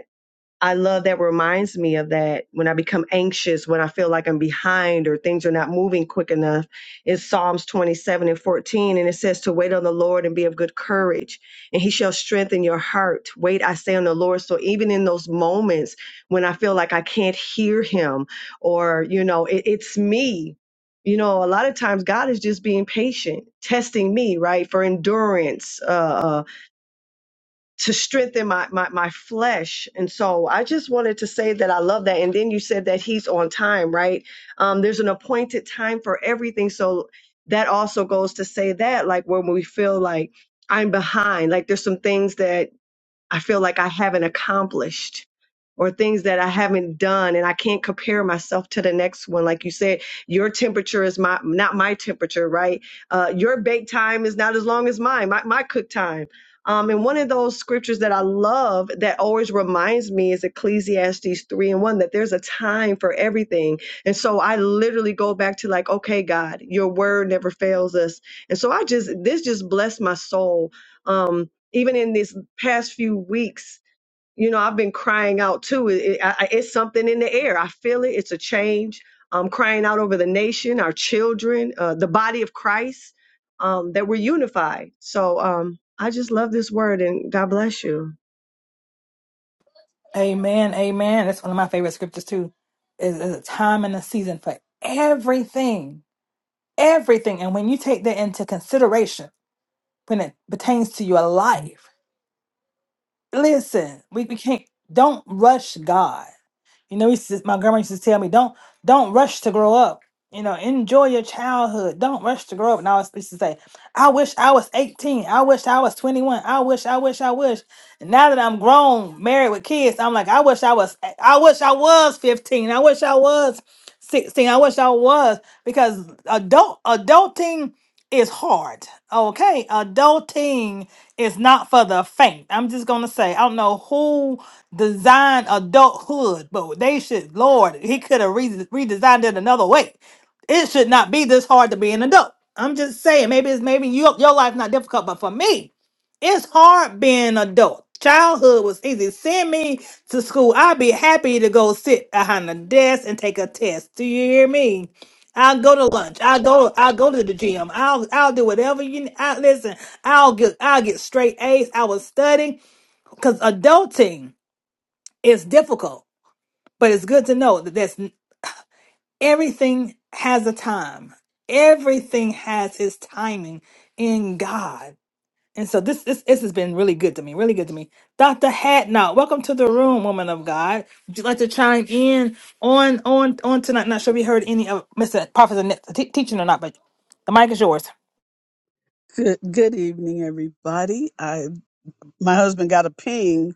Speaker 10: I love that reminds me of that when I become anxious, when I feel like I'm behind or things are not moving quick enough. It's Psalms 27 and 14, and it says to wait on the Lord and be of good courage, and he shall strengthen your heart. Wait, I say on the Lord. So even in those moments when I feel like I can't hear him or, you know, it, it's me. You know, a lot of times God is just being patient, testing me, right, for endurance, uh, uh, to strengthen my, my my flesh and so i just wanted to say that i love that and then you said that he's on time right um there's an appointed time for everything so that also goes to say that like when we feel like i'm behind like there's some things that I feel like I haven't accomplished or things that I haven't done and I can't compare myself to the next one. Like you said, your temperature is my not my temperature, right? Uh, your bake time is not as long as mine, my, my cook time. Um, and one of those scriptures that I love that always reminds me is Ecclesiastes 3 and 1 that there's a time for everything. And so I literally go back to like, okay, God, your word never fails us. And so I just, this just blessed my soul. Um, even in this past few weeks, you know, I've been crying out too. It, it- I, it's something in the air. I feel it. It's a change. I'm crying out over the nation, our children, uh, the body of Christ, um, that we're unified. So um, I just love this word and God bless you.
Speaker 1: Amen. Amen. That's one of my favorite scriptures too. Is is a time and a season for everything, everything. And when you take that into consideration, when it pertains to your life, listen. We, we can't. Don't rush God. You know, he says, my grandma used to tell me, don't don't rush to grow up. You know, enjoy your childhood. Don't rush to grow up. And I was used to say, I wish I was 18. I wish I was 21. I wish, I wish, I wish. And now that I'm grown, married with kids, I'm like, I wish I was, I wish I was 15. I wish I was 16. I wish I was because adult adulting is hard. Okay. Adulting is not for the faint. I'm just gonna say, I don't know who designed adulthood, but they should, Lord, he could have re- redesigned it another way. It should not be this hard to be an adult. I'm just saying, maybe it's maybe your your life not difficult, but for me, it's hard being an adult. Childhood was easy. Send me to school. I'd be happy to go sit behind the desk and take a test. Do you hear me? I'll go to lunch. I'll go. I'll go to the gym. I'll I'll do whatever you. I, listen. I'll get I'll get straight A's. I was studying because adulting is difficult, but it's good to know that that's. Everything has a time. Everything has its timing in God. And so this this this has been really good to me, really good to me. Dr. Hadnot, welcome to the room, woman of God. Would you like to chime in on on on tonight? Not sure if you heard any of Mr. Prophet Annette's te- teaching or not, but the mic is yours.
Speaker 11: Good, good evening, everybody. I my husband got a ping,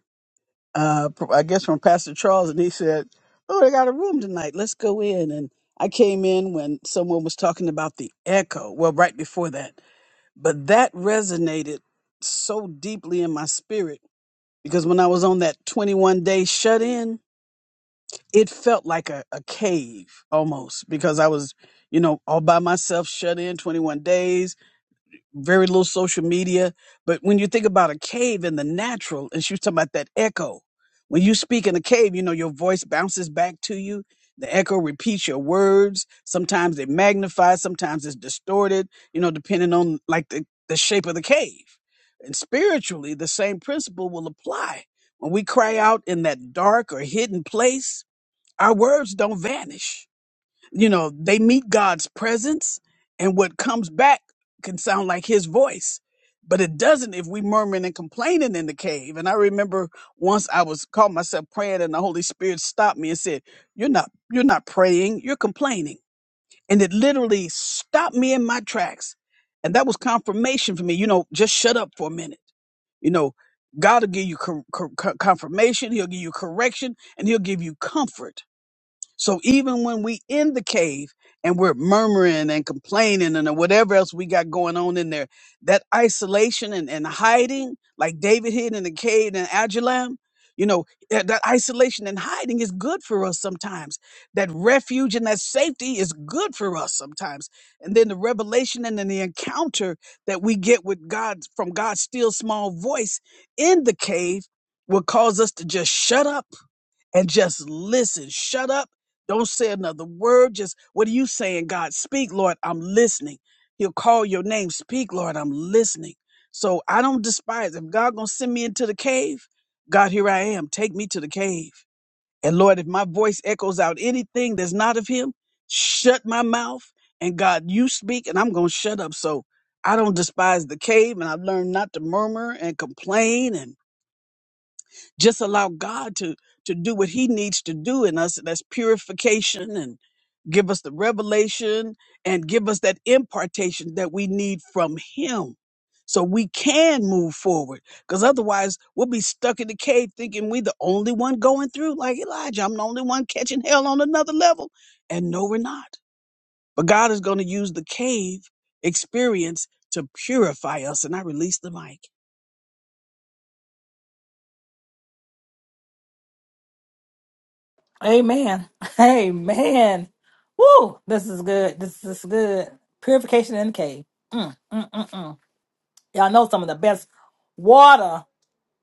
Speaker 11: uh, pr- I guess from Pastor Charles, and he said, "Oh, they got a room tonight. Let's go in." And I came in when someone was talking about the echo. Well, right before that, but that resonated so deeply in my spirit because when I was on that 21 day shut in, it felt like a, a cave almost because I was, you know, all by myself, shut in 21 days very little social media. But when you think about a cave in the natural, and she was talking about that echo. When you speak in a cave, you know, your voice bounces back to you. The echo repeats your words. Sometimes it magnifies, sometimes it's distorted, you know, depending on like the, the shape of the cave. And spiritually, the same principle will apply. When we cry out in that dark or hidden place, our words don't vanish you know, they meet God's presence, and what comes back can sound like his voice, but it doesn't if we murmuring and complaining in the cave. And I remember once I was caught myself praying, and the Holy Spirit stopped me and said, You're not, you're not praying, you're complaining. And it literally stopped me in my tracks. And that was confirmation for me, you know, just shut up for a minute. You know, God will give you cor- cor- confirmation, He'll give you correction, and He'll give you comfort so even when we in the cave and we're murmuring and complaining and whatever else we got going on in there, that isolation and, and hiding, like David hid in the cave in Adullam, you know, that that isolation and hiding is good for us sometimes. That refuge and that safety is good for us sometimes. And then the revelation and then the encounter that we get with God from God's still small voice in the cave will cause us to just shut up and just listen. Shut up. Don't say another word. Just what are you saying, God? Speak, Lord. I'm listening. He'll call your name. Speak, Lord. I'm listening. So I don't despise. If God gonna send me into the cave, God, here I am. Take me to the cave. And Lord, if my voice echoes out anything that's not of Him, shut my mouth. And God, you speak, and I'm gonna shut up. So I don't despise the cave, and I've learned not to murmur and complain. Just allow God to to do what He needs to do in us. and That's purification and give us the revelation and give us that impartation that we need from Him. So we can move forward. Because otherwise we'll be stuck in the cave thinking we the only one going through. Like Elijah, I'm the only one catching hell on another level. And no, we're not. But God is going to use the cave experience to purify us. And I release the mic.
Speaker 1: Amen. Amen. Woo! This is good. This is good. Purification in the cave. Mm, mm, mm, mm. Y'all know some of the best water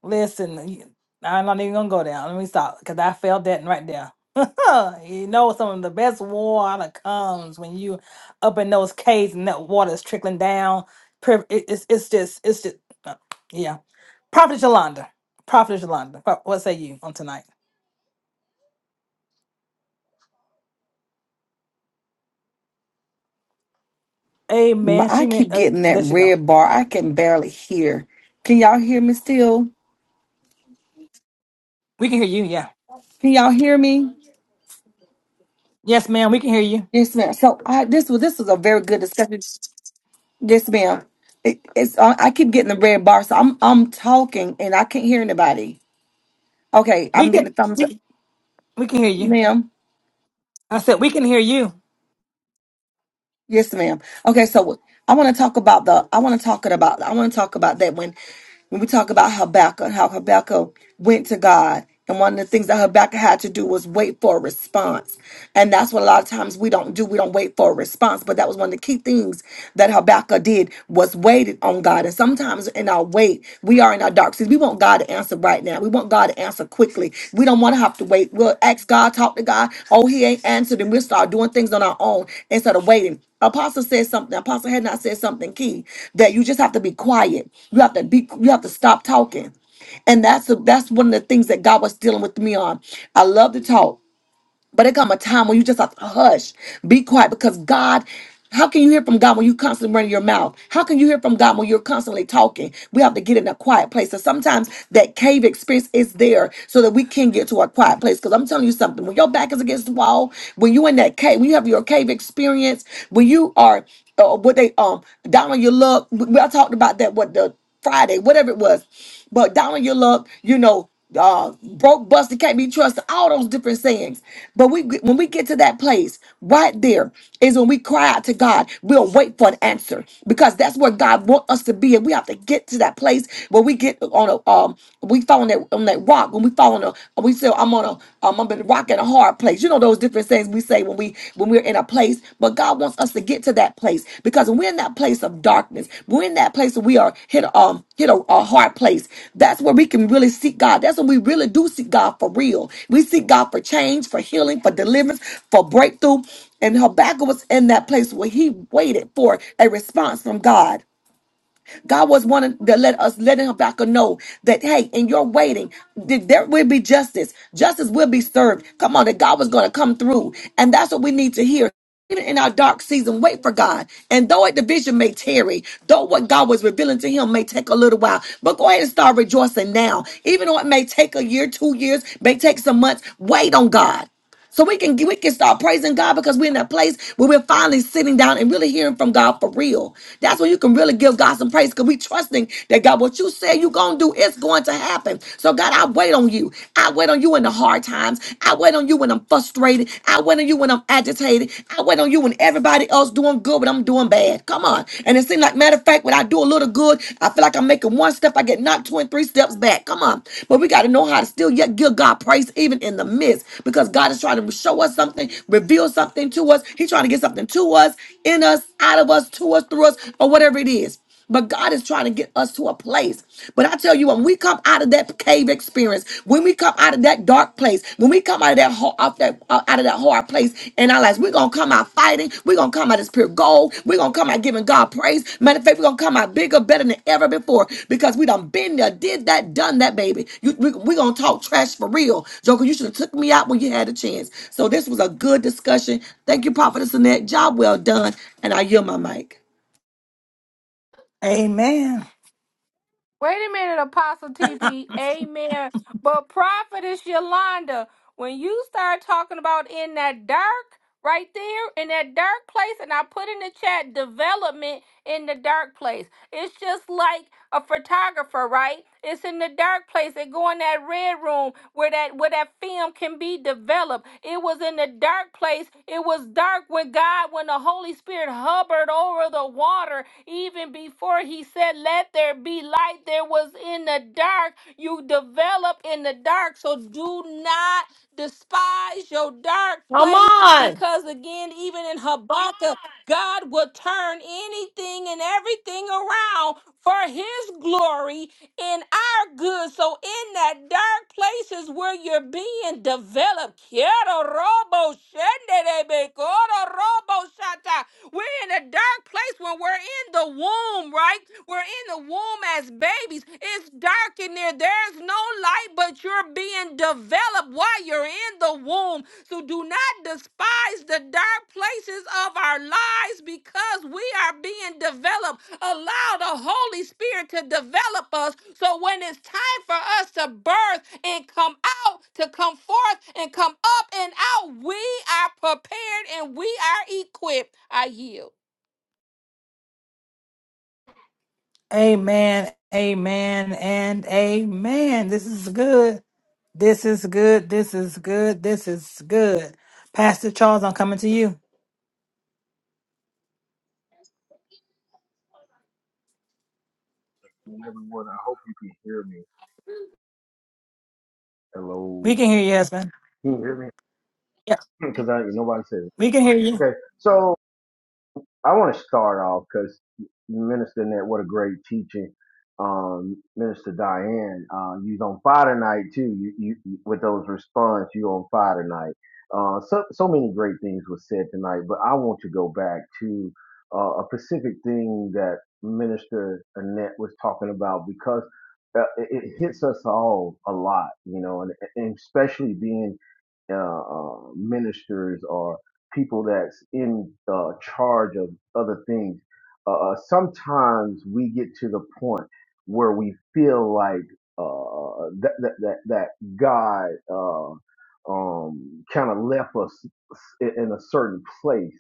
Speaker 1: Listen, you- I'm not even gonna go down. Let me stop because I felt that right there. you know, some of the best water comes when you up in those caves and that water is trickling down. Pri- it- It's it's just it's just uh, yeah. Prophet Yolanda, Prophet Yolanda, pro- what say you on tonight?
Speaker 12: My,
Speaker 1: Amen. She
Speaker 12: I
Speaker 1: meant
Speaker 12: keep
Speaker 1: uh,
Speaker 12: getting that
Speaker 1: there she go.
Speaker 12: red bar. I can barely hear. Can y'all hear me still?
Speaker 1: We can hear you. Yeah.
Speaker 12: Can y'all hear me?
Speaker 1: Yes, ma'am. We can hear you.
Speaker 12: Yes, ma'am. So I, this was this was a very good discussion. Yes, ma'am. It, it's uh, I keep getting the red bar, so I'm I'm talking and I can't hear anybody. Okay,
Speaker 1: We
Speaker 12: I'm
Speaker 1: can
Speaker 12: getting the thumbs up,
Speaker 1: we, we can hear you.
Speaker 12: ma'am.
Speaker 1: I said we can hear you.
Speaker 12: Yes, ma'am. Okay, so I want to talk about the. I want to talk it about. I want to talk about that when when we talk about Habakkuk, how Habakkuk went to God, and one of the things that Habakkuk had to do was wait for a response, and that's what a lot of times we don't do. We don't wait for a response, but that was one of the key things that Habakkuk did was waited on God. And sometimes in our wait, we are in our our dark seasons. We want God to answer right now. We want God to answer quickly. We don't want to have to wait. We'll ask God, talk to God. Oh, he ain't answered, and we'll start doing things on our own instead of waiting. Apostle said something. Apostle had not said something key that you just have to be quiet. You have to be. You have to stop talking, and that's the that's one of the things that God was dealing with me on. I love to talk. But it come a time when you just have to hush, be quiet, because God. How can you hear from God when you constantly running your mouth? How can you hear from God when you're constantly talking? We have to get in a quiet place. So sometimes that cave experience is there so that we can get to a quiet place. Because I'm telling you something, when your back is against the wall, when you in that cave, when you have your cave experience, when you are uh, what they um down on your luck, we, I talked about that. What the Friday, whatever it was. But down on your luck, you know, uh, broke, busted, can't be trusted, all those different sayings. But we, when we get to that place, right there is when we cry out to God. We'll wait for an answer because that's where God wants us to be, and we have to get to that place where we get on a um, we fall on that on that rock. When we fall on a, we say, "I'm on a, um, I'm on a rock and a hard." our place. You know those different things we say when we when we're in a place, but God wants us to get to that place because when we're in that place of darkness, when we're in that place where we are hit um hit a, a hard place. That's where we can really seek God. That's when we really do seek God for real. We seek God for change, for healing, for deliverance, for breakthrough. And Habakkuk was in that place where he waited for a response from God. God was wanting to let us, letting Habakkuk know that, hey, in your waiting, th- there will be justice. Justice will be served. Come on, that God was going to come through. And that's what we need to hear even in our dark season, wait for God. And though a division may tarry, though what God was revealing to him may take a little while, but go ahead and start rejoicing now. Even though it may take a year, two years, may take some months, wait on God. So we can we can start praising God because we're in that place where we're finally sitting down and really hearing from God for real. That's when you can really give God some praise because we trusting that God, what you said you're gonna do is going to happen. So God, I wait on you. I wait on you in the hard times. I wait on you when I'm frustrated. I wait on you when I'm agitated. I wait on you when everybody else doing good, but I'm doing bad. Come on. And it seems like matter of fact, like when I do a little good, I feel like I'm making one step, I get knocked two and three steps back. Come on. But we got to know how to still yet give God praise even in the midst because God is trying to show us something, reveal something to us. He's trying to get something to us, in us, out of us, to us, through us, or whatever it is. But God is trying to get us to a place. But I tell you, when we come out of that cave experience, when we come out of that dark place, when we come out of that ho- off that uh, out of that hard place in our lives, we're gonna come out fighting. We're gonna come out as pure gold. We're gonna come out giving God praise. Matter of fact, we're gonna come out bigger, better than ever before because we done been there, did that, done that, baby. You, we, we gonna talk trash for real, Joker. You should have took me out when you had a chance. So this was a good discussion. Thank you, Prophetess Annette. Job well done, and I yield my mic.
Speaker 1: Amen.
Speaker 4: Wait a minute, Apostle TP. Amen. But Prophetess Yolanda, when you start talking about in that dark, right there in that dark place and i put in the chat development in the dark place it's just like a photographer right it's in the dark place they go in that red room where that where that film can be developed it was in the dark place it was dark when god when the holy spirit hovered over the water even before he said let there be light there was in the dark you develop in the dark so do not despise your dark place because again even in habakkuk god will turn anything and everything around for his glory in our good. So in that dark places where you're being developed, quiero robo shendebe, coro robo shata. We're in a dark place when we're in the womb, right? We're in the womb as babies. It's dark in there. There's no light, but you're being developed while you're in the womb. So do not despise the dark places of our lives because we are being developed. Allow the Holy Spirit to develop us so when it's time for us to birth and come out, to come forth and come up and out, we are prepared and we are equipped. I yield.
Speaker 1: Amen, amen, and amen. This is good. This is good. This is good. This is good. Pastor Charles, I'm coming to you.
Speaker 13: and everyone. I hope you can hear me.
Speaker 1: We
Speaker 13: Hello.
Speaker 1: can hear you, husband.
Speaker 13: Can you Hmm. hear me?
Speaker 1: Yeah,
Speaker 13: Because I nobody said it.
Speaker 1: we can hear you.
Speaker 13: Okay. So I want to start off because Minister Net, what a great teaching. Um, Minister Diane, uh, you on fire tonight too. You, you, you- with those response, you on fire tonight. Uh, so, so many great things were said tonight, but I want to go back to uh, a specific thing that Minister Annette was talking about because uh, it, it hits us all a lot, you know, and, and especially being uh, uh, ministers people that's in uh, charge of other things, uh, uh, sometimes we get to the point where we feel like uh, that, that that that God uh, um, kind of left us in in a certain place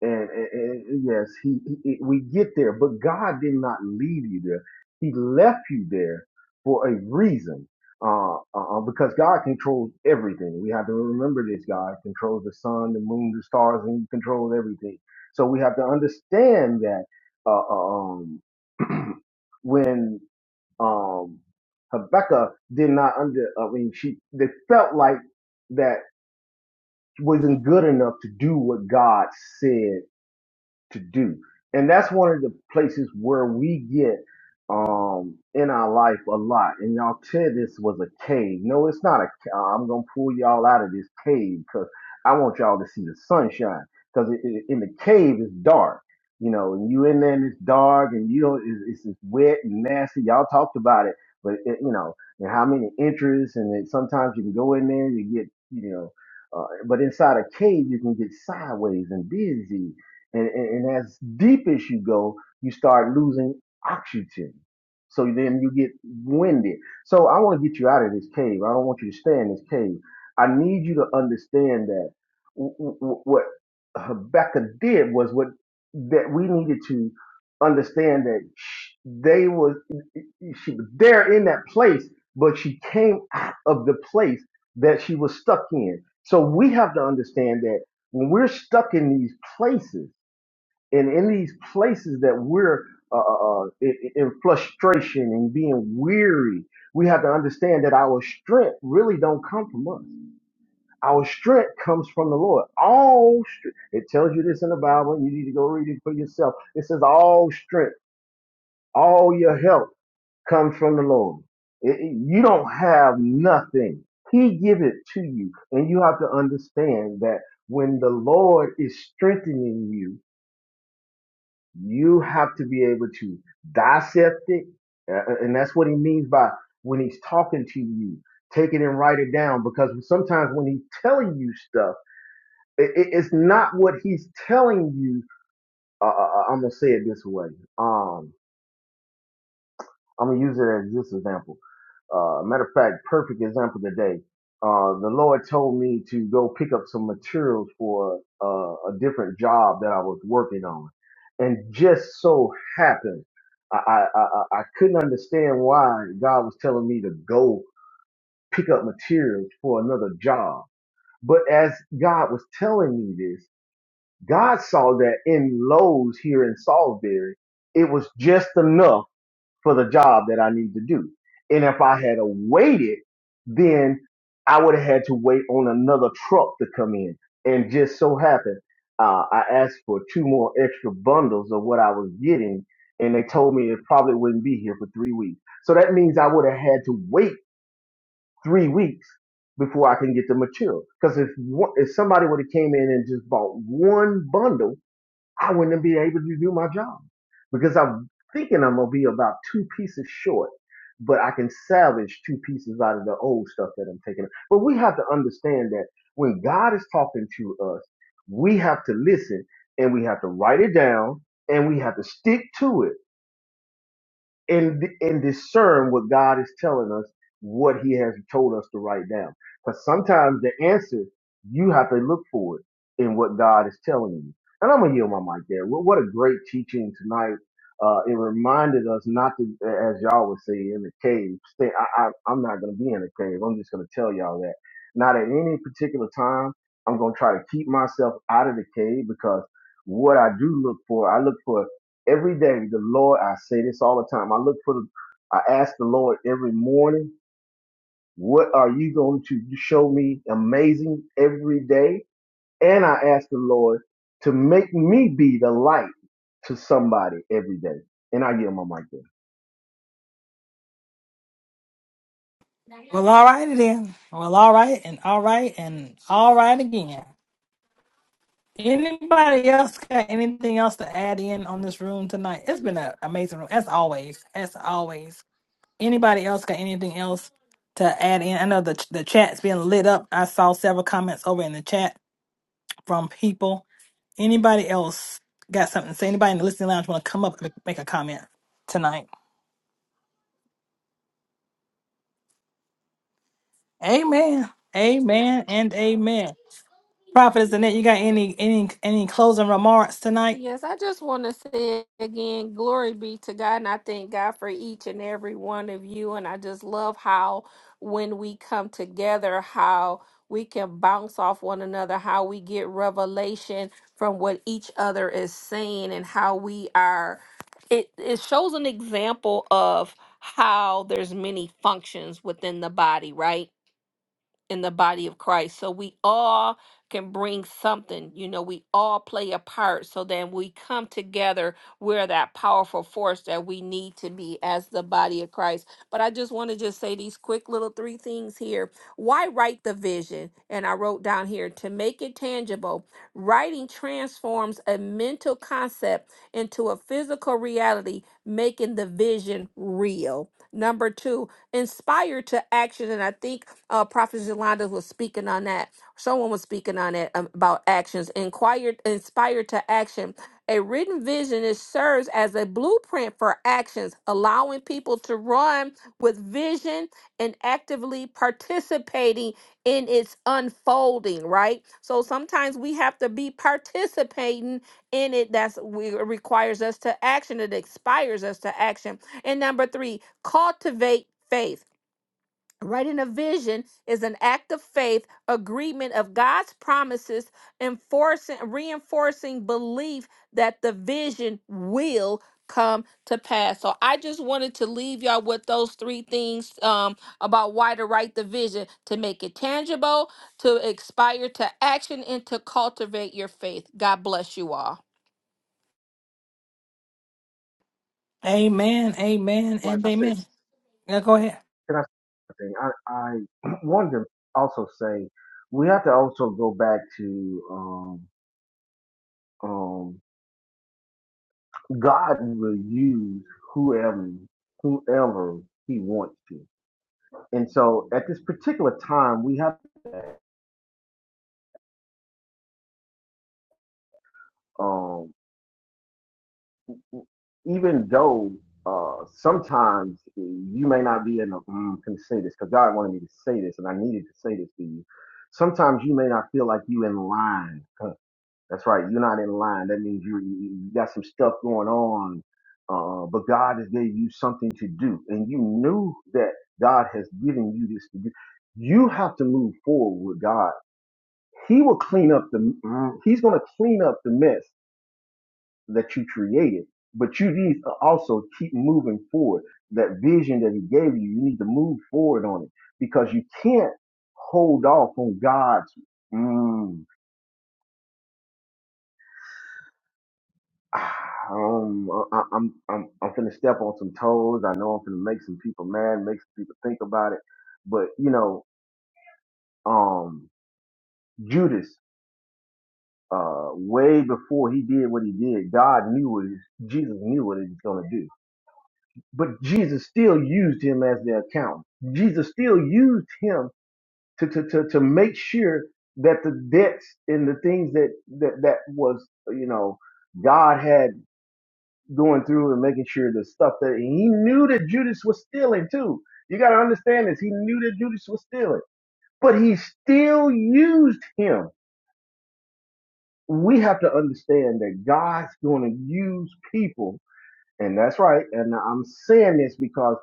Speaker 13: and, and, and yes, he, he we get there, but God did not leave you there. He left you there for a reason. Uh, uh, because God controls everything. We have to remember this. God controls the sun, the moon, the stars, and He controls everything. So we have to understand that uh, uh, um, when um, Habakkuk did not under, I mean, she they felt like that wasn't good enough to do what God said to do. And that's one of the places where we get um in our life a lot. And y'all said this was a cave. No, it's not a ca- uh, I'm going to pull y'all out of this cave cuz I want y'all to see the sunshine cuz in the cave it's dark. You know, and you in there and it's dark and you don't it's, it's just wet and nasty. Y'all talked about it, but it, you know, and how many entries? and then sometimes you can go in there and you get, you know, uh, but inside a cave you can get sideways and busy and, and, and as deep as you go, you start losing oxygen. So then you get winded. So I want to get you out of this cave. I don't want you to stay in this cave. I need you to understand that what Habakkuk did was what that we needed to understand that sh- they was she was there in that place, but she came out of the place that she was stuck in. So we have to understand that when we're stuck in these places and in these places that we're uh, uh, uh, in, in frustration and being weary, we have to understand that our strength really don't come from us. Our strength comes from the Lord. All strength. It tells you this in the Bible. You need to go read it for yourself. It says all strength, all your help comes from the Lord. It- it- you don't have nothing. He give it to you, and you have to understand that when the Lord is strengthening you. You have to be able to dissect it. uh, uh, And that's what he means by when he's talking to you, take it and write it down. Because sometimes when he's telling you stuff, it, it- it's not what he's telling you. Uh, uh, uh, I'm going to say it this way. Um, I'm going to use it as this example. Uh, matter of fact, perfect example today. Uh, the Lord told me to go pick up some materials for uh, a different job that I was working on, and just so happened, I I, I I I couldn't understand why God was telling me to go pick up materials for another job. But as God was telling me this, God saw that in Lowe's here in Salisbury, it was just enough for the job that I need to do. And if I had waited, then I would have had to wait on another truck to come in. And just so happened, uh, I asked for two more extra bundles of what I was getting, and they told me it probably wouldn't be here for three weeks. So that means I would have had to wait three weeks before I can get the material. Because if one- if somebody would have came in and just bought one bundle I wouldn't be able to do my job because I'm thinking I'm gonna be about two pieces short, but I can salvage two pieces out of the old stuff that I'm taking. But we have to understand that when God is talking to us, we have to listen and we have to write it down and we have to stick to it and and discern what God is telling us, what He has told us to write down. Because sometimes the answer you have to look for it in what God is telling you. And I'm gonna yield my mic there. What what a great teaching tonight. Uh, it reminded us not to, as y'all would say, in the cave. Stay, I, I, I'm not gonna be in the cave. I'm just gonna tell y'all that. Not at any particular time. I'm gonna try to keep myself out of the cave because what I do look for, I look for every day the lord i say this all the time i look for the i ask the lord every morning what are you going to show me amazing every day and i ask the lord to make me be the light to somebody every day and i give my mic there
Speaker 1: Well, all right then. Well, all right, and all right, and all right again. Anybody else got anything else to add in on this room tonight? It's been an amazing room, as always. As always. Anybody else got anything else to add in? I know the the chat's been lit up. I saw several comments over in the chat. from people. Anybody else got something to say? Anybody in the listening lounge want to come up and make make a comment tonight? Amen. Amen and amen. Prophet is Annette, you got any any any closing remarks tonight?
Speaker 4: Yes, I just want to say again, glory be to God. And I thank God for each and every one of you. And I just love how when we come together, how we can bounce off one another, how we get revelation from what each other is saying, and how we are. It, it shows an example of how there's many functions within the body, right? in the body of Christ. So we all can bring something. You know, we all play a part. So then we come together, we're that powerful force that we need to be as the body of Christ. But I just want to just say these quick little three things here. Why write the vision? And I wrote down here to make it tangible. Writing transforms a mental concept into a physical reality, making the vision real. Number two, inspire to action. And I think uh, Prophet Yolanda was speaking on that. Someone was speaking on it um, about actions. Inquired, inspired to action. A written vision is serves as a blueprint for actions, allowing people to run with vision and actively participating in its unfolding. Right. So sometimes we have to be participating in it. That's we it requires us to action. It inspires us to action. And number three, cultivate faith Writing a vision is an act of faith, agreement of God's promises, enforcing, reinforcing belief that the vision will come to pass. So I just wanted to leave y'all with those three things um, about why to write the vision to make it tangible, to inspire to action, and to cultivate your faith. God bless you all.
Speaker 1: Amen. Amen
Speaker 13: Wife,
Speaker 1: and
Speaker 13: I say,
Speaker 1: amen. Yeah, go ahead.
Speaker 13: can I say something? I, I wanted to also say we have to also go back to um, um, God will use whoever whoever He wants to. And so at this particular time, we have that, um, even though uh, sometimes you may not be in a, mm, can say this because God wanted me to say this and I needed to say this to you. Sometimes you may not feel like you in line. Huh, That's right. You're not in line. That means you, you you got some stuff going on. Uh, but God has gave you something to do and you knew that God has given you this to do. You have to move forward with God He will clean up the. He's going to clean up the mess that you created. But you need to also keep moving forward. That vision that he gave you, you need to move forward on it because you can't hold off on God's. Mm, ah, um, I, I- I'm I'm I'm finna step on some toes. I know I'm finna make some people mad, make some people think about it. But you know, um, Judas, uh, way before he did what he did, God knew what he- Jesus knew what he was gonna do But Jesus still used him as the accountant. Jesus still used him to, to, to, to make sure that the debts and the things that, that, that was, you know, God had going through and making sure the stuff that he knew that Judas was stealing too. You got to understand this. He knew that Judas was stealing, but he still used him. We have to understand that God's going to use people And that's right. And I'm saying this because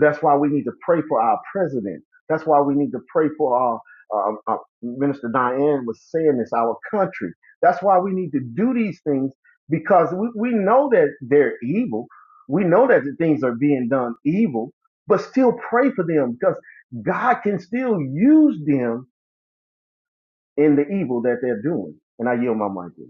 Speaker 13: that's why we need to pray for our president. That's why we need to pray for our uh, uh, Minister Diane was saying this, our country. That's why we need to do these things because we, we know that they're evil. We know that the things are being done evil, but still pray for them because God can still use them in the evil that they're doing. And I yield my mic.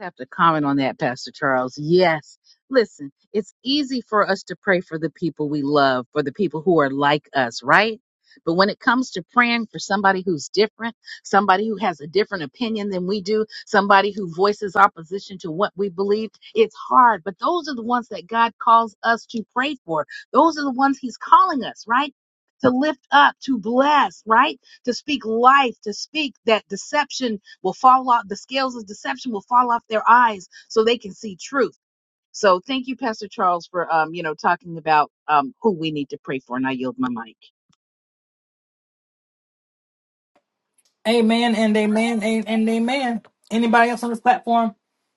Speaker 5: have to comment on that, Pastor Charles. Yes. Listen, it's easy for us to pray for the people we love, for the people who are like us, right? But when it comes to praying for somebody who's different, somebody who has a different opinion than we do, somebody who voices opposition to what we believe, it's hard. But those are the ones that God calls us to pray for. Those are the ones He's calling us, right? To lift up, to bless, right? To speak life, to speak that deception will fall off, the scales of deception will fall off their eyes so they can see truth. So thank you, Pastor Charles, for um, you know, talking about um who we need to pray for. And I yield my mic.
Speaker 1: Amen and amen and, and amen. Anybody else on this platform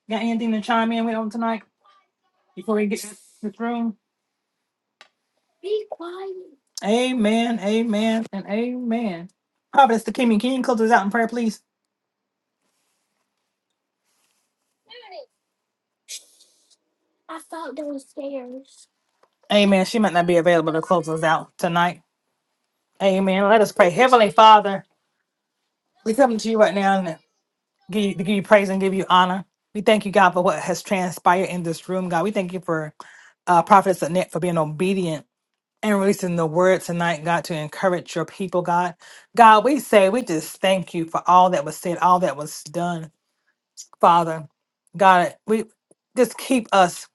Speaker 1: got anything to chime in with on tonight before we get this this room? Amen. Amen and amen. Prophet is the King. Can you close this out in prayer, please? Amen. She might not be available to close us out tonight. Amen. Let us pray. Heavenly Father, we come to you right now and give you, to give you praise and give you honor. We thank you, God, for what has transpired in this room, God. We thank you for uh, Prophetess Annette for being obedient and releasing the word tonight, God, to encourage your people, God. God, we say, we just thank you for all that was said, all that was done, Father. God, we just keep us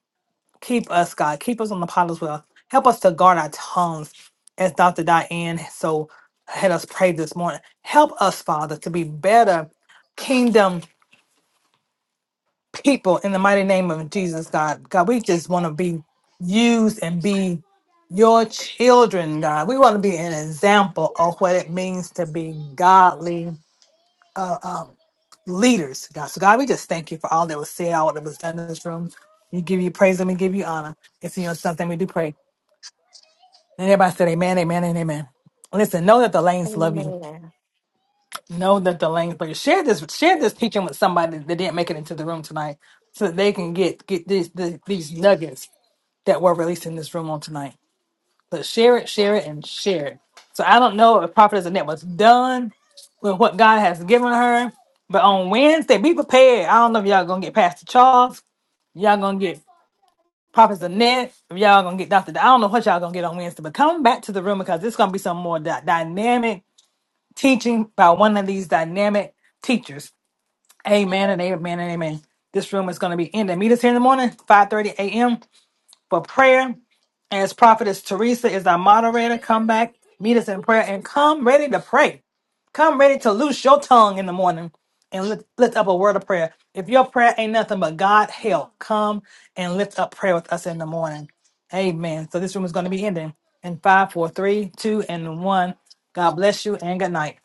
Speaker 1: Keep us, God. Keep us on the pot as well. Help us to guard our tongues, as Dr. Diane so had us pray this morning. Help us, Father, to be better kingdom people in the mighty name of Jesus, God. God, we just want to be used and be your children, God. We want to be an example of what it means to be godly leaders, God. So, God, we just thank you for all that was said, all that was done in this room. We give you praise and we give you honor. It's in your something we do pray. And everybody said amen, amen, and amen. Listen, know that the lanes love you.
Speaker 4: Amen.
Speaker 1: Know that the lanes love you. Share this, share this teaching with somebody that didn't make it into the room tonight so that they can get get these the, these nuggets that were released in this room on tonight. But share it, share it, and share it. So I don't know if Prophetess Annette was done with what God has given her. But on Wednesday, be prepared. I don't know if y'all gonna get Pastor Charles. Y'all gonna get Prophet Annette, if y'all gonna get Dr. I don't know what y'all gonna get on Wednesday, but come back to the room because it's gonna be some more dy- dynamic teaching by one of these dynamic teachers. Amen and amen and amen. This room is gonna be ending. Meet us here in the morning, 5:30 a.m. for prayer. As Prophetess Teresa is our moderator, come back, meet us in prayer, and come ready to pray. Come ready to loose your tongue in the morning and lift, lift up a word of prayer. If your prayer ain't nothing but God help, come and lift up prayer with us in the morning. Amen. So this room is going to be ending in five, four, three, two, and one. God bless you and good night.